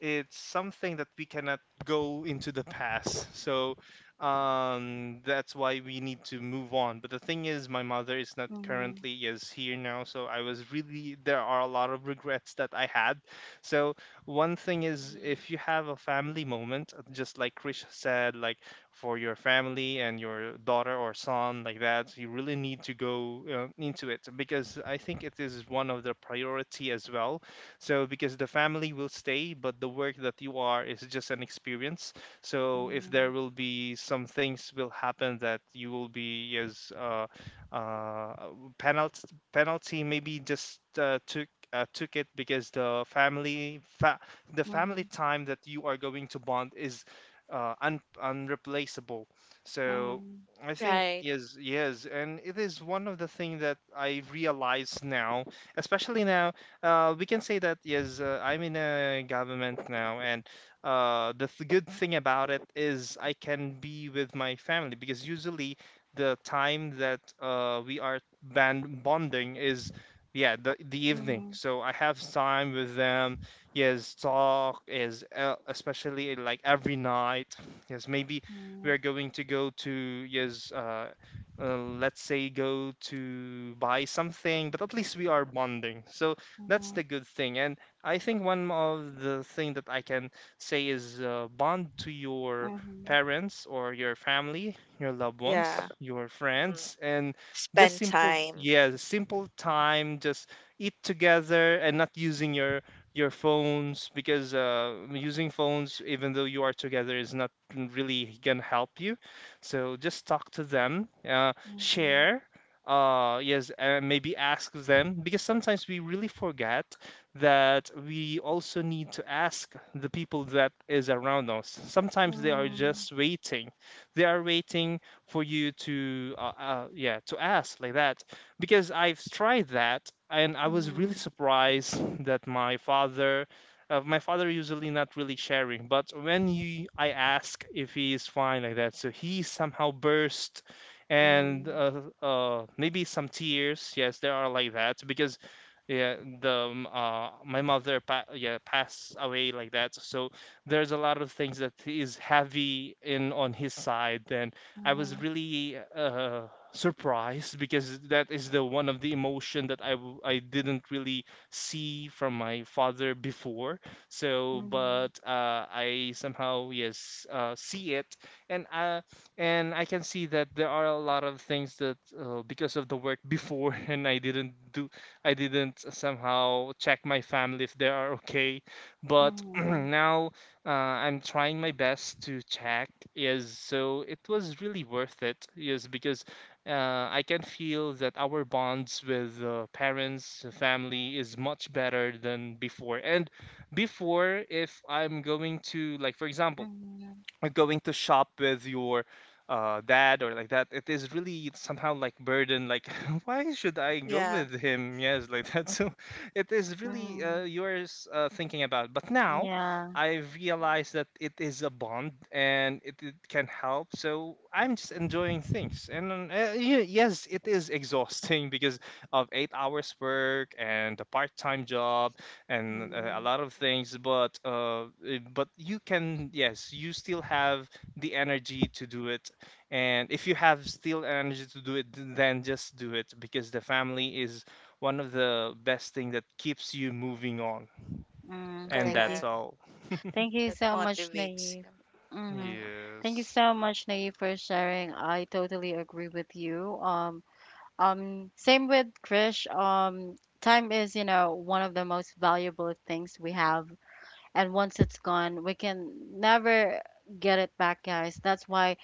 S3: It's something that we cannot go into the past. So that's why we need to move on. But the thing is, my mother is not
S1: mhm, mhm,
S3: currently is here now. So I was really, there are a lot of regrets that I had. So one thing is,
S2: Hmm.
S3: if you have a family moment, just like Krish said, like for your family and your daughter or son, like that, you really need to go into it, because I think it is one of the priority as well. So because the family will stay, but the work that you are is just an experience. So if there
S1: mhm,
S3: will be some things will happen that you will be as, uh, penalty, penalty, maybe just, took it, because the family, the family
S1: mhm,
S3: time that you are going to bond is unreplaceable. So
S1: mhm,
S3: I think,
S2: Right.
S3: yes, yes, and it is one of the thing that I realize now, especially now. We can say that, yes, I'm in a government now, and, the good thing about it is I can be with my family, because usually the time that, we are band bonding is, yeah, the
S1: mhm, mhm, mhm, mhm, mhm, mhm,
S3: evening,
S1: mhm, mhm,
S3: so I have time with them. Yes, talk is, especially like every night. Yes, maybe we are going to go to, yes, let's say go to buy something, but at least we are bonding. So that's the good thing, and I think one of the thing that I can say is, bond to your
S1: mhm,
S3: parents or your family, your loved
S2: Yeah.
S3: ones, your
S2: Mhm.
S3: friends. And just
S2: Spend
S3: simple,
S2: time.
S3: yeah, simple time. Just eat together and not using your phones, because, using phones even though you are together is not really gonna help you. So just talk to them, share, yes, and maybe ask them, because sometimes we really forget that we also need to ask the people that is around us. Sometimes they are just waiting, they are waiting for you to, yeah, to ask, like that. Because I've tried that and I was really surprised that my father, my father usually not really sharing, but when you I ask if he is fine, like that, so he somehow burst. And, maybe some tears. Yes, there are like that, because, yeah, the my mother yeah, passed away, like that. So there's a lot of things that is heavy in on his side. Then I was really, surprised, because that is the one of the emotion that I I didn't really see from my father before. So but, I somehow, yes, see it. And I, and I can see that there are a lot of things that, because of the work before and I didn't do, I didn't somehow check my family if they are okay. But
S1: mhm,
S3: now, I'm trying my best to check. Yes, so it was really worth it, yes, because, I can feel that our bonds with, parents, family, is much better than before. And before, if I'm going to, like, for example,
S1: mhm,
S3: going to shop with your, dad or like that, it is really somehow like burden, like why should I go
S2: Yeah.
S3: with him, yes, like that. So it is
S2: Mhm.
S3: really,
S1: mhm.
S3: yours, thinking about. But now
S1: Yeah.
S3: I realize that it is a bond, and it can help. So I'm just enjoying things. And yes, it is exhausting because of 8 hours work and the part-time job, and, a
S1: Mm,
S3: lot of
S2: Mhm.
S3: things. But but you can, yes, you still have the energy to do it. And if you have still energy to do it, then just do it, because the family is one of the best thing that keeps you moving on.
S1: mm.
S3: And
S1: Thank you.
S3: that's
S2: Correct.
S3: all.
S1: Thank you
S2: That
S1: so much,
S2: motivates
S1: Naive.
S2: you.
S1: Hmm.
S2: Hmm.
S1: Thank you
S3: Yes.
S1: so much, Naive, for sharing. I totally agree with you. Same with Krish. Time is, you know, one of the most valuable things we have, and once it's gone, we can never get it back, guys. That's why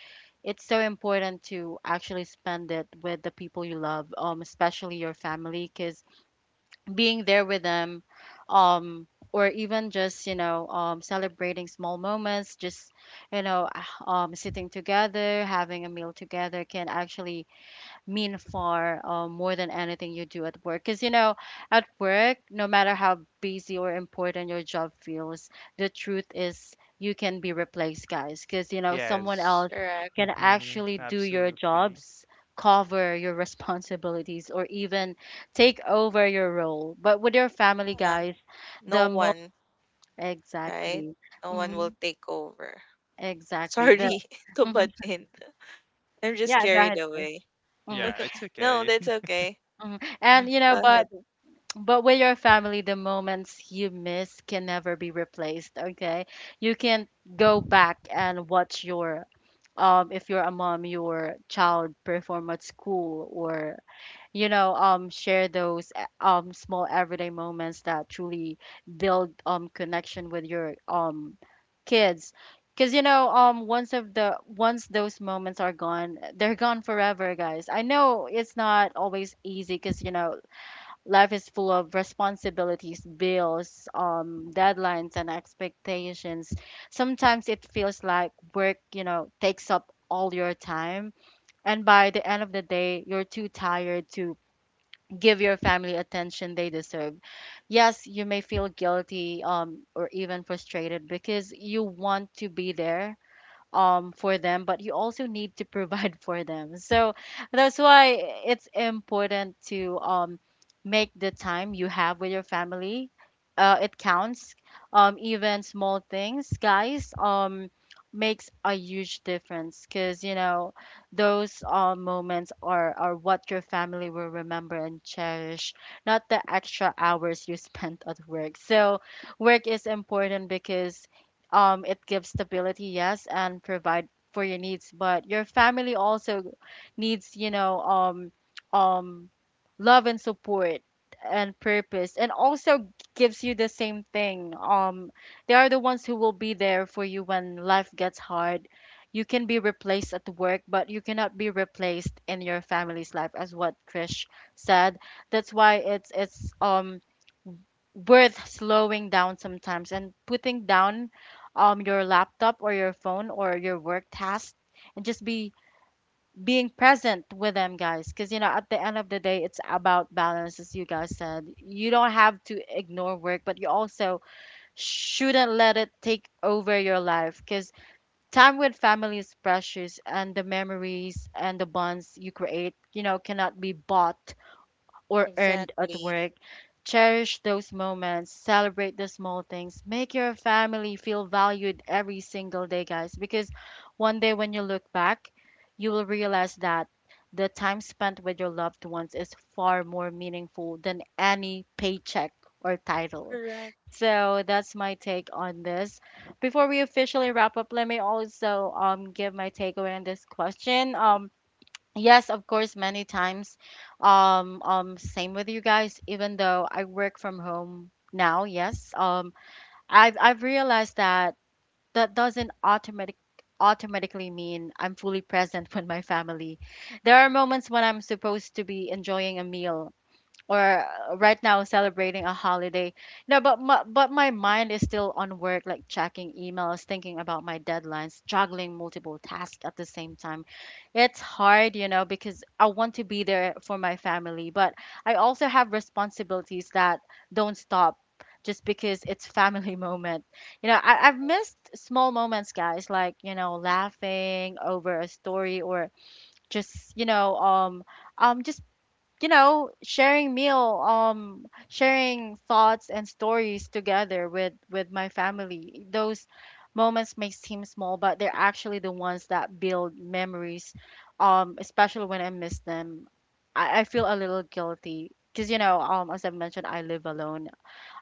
S1: it's so important to actually spend it with the people you love, especially your family, because being there with them, um or even just, you know, celebrating small moments, just, you know, sitting together, having a meal together, can actually mean far more than anything you do at work. Because, you know, at work, no matter how busy or important your job feels, the truth is you can be replaced, guys. Because, you know, someone
S3: Yes.
S1: else
S2: Correct.
S1: can
S3: Hmm.
S1: actually do your
S3: Absolutely.
S1: jobs, cover your responsibilities, or even take over your role. But with your family,
S2: Yeah,
S1: guys,
S2: no
S1: the most,
S2: one, right?
S1: exactly,
S2: No one will
S1: hmm,
S2: take over.
S1: exactly. The
S2: Sorry to
S1: hmm,
S2: butt in. I'm just
S1: yeah, go
S2: carried
S1: ahead first.
S2: away.
S1: Mm-hmm.
S3: Yeah, it's
S2: No,
S3: okay.
S2: that's okay.
S1: Mm-hmm. And you know,
S2: Go
S1: but
S2: ahead.
S1: But with your family, the moments you miss can never be replaced, okay? You can go back and watch your, if you're a mom, your child perform at school,
S2: Mhm.
S1: or, you know, share those small everyday moments that truly build connection with your kids. Because, you know, once of the once those moments are gone, they're gone forever, guys. I know it's not always easy, because, you know, life is full of responsibilities, bills, deadlines, and expectations. Sometimes it feels like work, you know, takes up all your time, and by the end of the day, you're too tired to give your family attention they deserve. Yes, you may feel guilty, or even frustrated, because you want to be there for them, but you also need to provide for them. So that's why it's important to make the time you have with your family it counts. Even small things, guys, makes a huge difference, because those moments are what your family will remember and cherish, not the extra hours you spent at work. So work is important because it gives stability, yes, and provide for your needs, but your family also needs, you know, um, love and support and purpose, and also gives you the same thing. They are the ones who will be there for you when life gets hard. You can be replaced at work, but you cannot be replaced in your family's life, as what Krish said. That's why it's worth slowing down sometimes and putting down your laptop or your phone or your work task, and just be being present with them, guys. Because, at the end of the day, it's about balance, as you guys said. You don't have to ignore work, but you also shouldn't let it take over your life, because time with family is precious, and the memories and the bonds you create, you know, cannot be bought or earned at
S2: Exactly.
S1: work. Cherish those moments, celebrate the small things, make your family feel valued every single day, guys. Because one day when you look back, you will realize that the time spent with your loved ones is far more meaningful than any paycheck or title.
S2: Correct.
S1: So that's my take on this. Before we officially wrap up, let me also give my takeaway on this question. Yes, of course, many times. Same with you guys, even though I work from home now, yes. I've realized that that doesn't automatically mean I'm fully present with my family. There are moments when I'm supposed to be enjoying a meal, or right now celebrating a holiday. No, but my mind is still on work, like checking emails, thinking about my deadlines, juggling multiple tasks at the same time. It's hard, you know, because I want to be there for my family, but I also have responsibilities that don't stop just because it's family moment. You know,
S2: Of
S1: I've
S2: course.
S1: missed small moments, guys, like, you know, laughing over a story, or just, um, just sharing meal, sharing thoughts and stories together with my family. Those moments may seem small, but they're actually the ones that build memories. Especially when I miss them, I feel a
S2: Mm-hmm.
S1: little guilty, because, you know, as I mentioned, I live alone.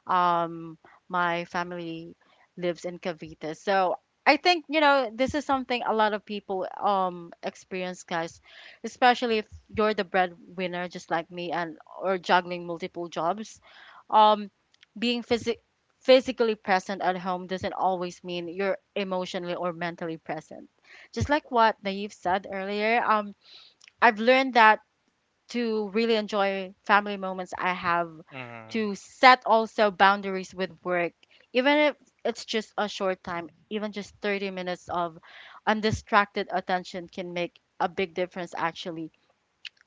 S1: Um, my family lives in Cavite. So I think, this is something a lot of people experience, guys, especially if you're the breadwinner just like me, and or juggling multiple jobs. Um, Being physically present at home doesn't always mean you're emotionally or mentally present. Just like what Naive said earlier, I've learned that to really enjoy family moments I have, to
S3: Mhm.
S1: set also boundaries with work, even if it's just a short time, even just 30 minutes of undistracted attention can make a big difference, actually.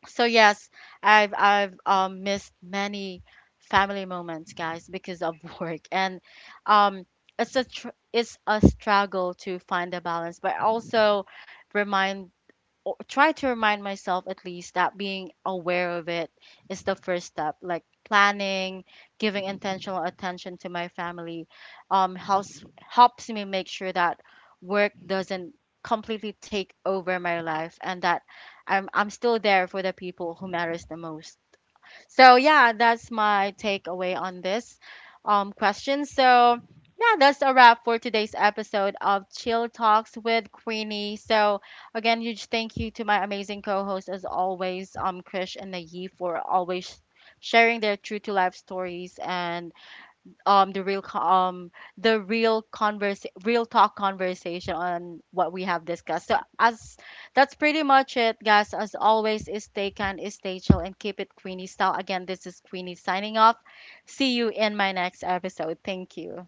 S1: So yes, I've missed many family moments, guys, because of work, and um it's a tr- it's a struggle to find a balance, but I also remind try to remind myself, at least, that being aware of it is the first step, like planning, giving intentional attention to my family, helps me make sure that work doesn't completely take over my life, and that I'm still there for the people who matters the most. So yeah, that's my takeaway on this question. So yeah, that's a wrap for today's episode of Chill Talks with Queenie. So again, huge thank you to my amazing co-hosts, as always, Krish and Nayi, for always sharing their true to life stories, and the real co- the real converse real talk conversation on what we have discussed. So as that's pretty much it, guys. As always, is stay kind, is stay chill, and keep it Queenie style. Again, this is Queenie signing off. See you in my next episode. Thank you.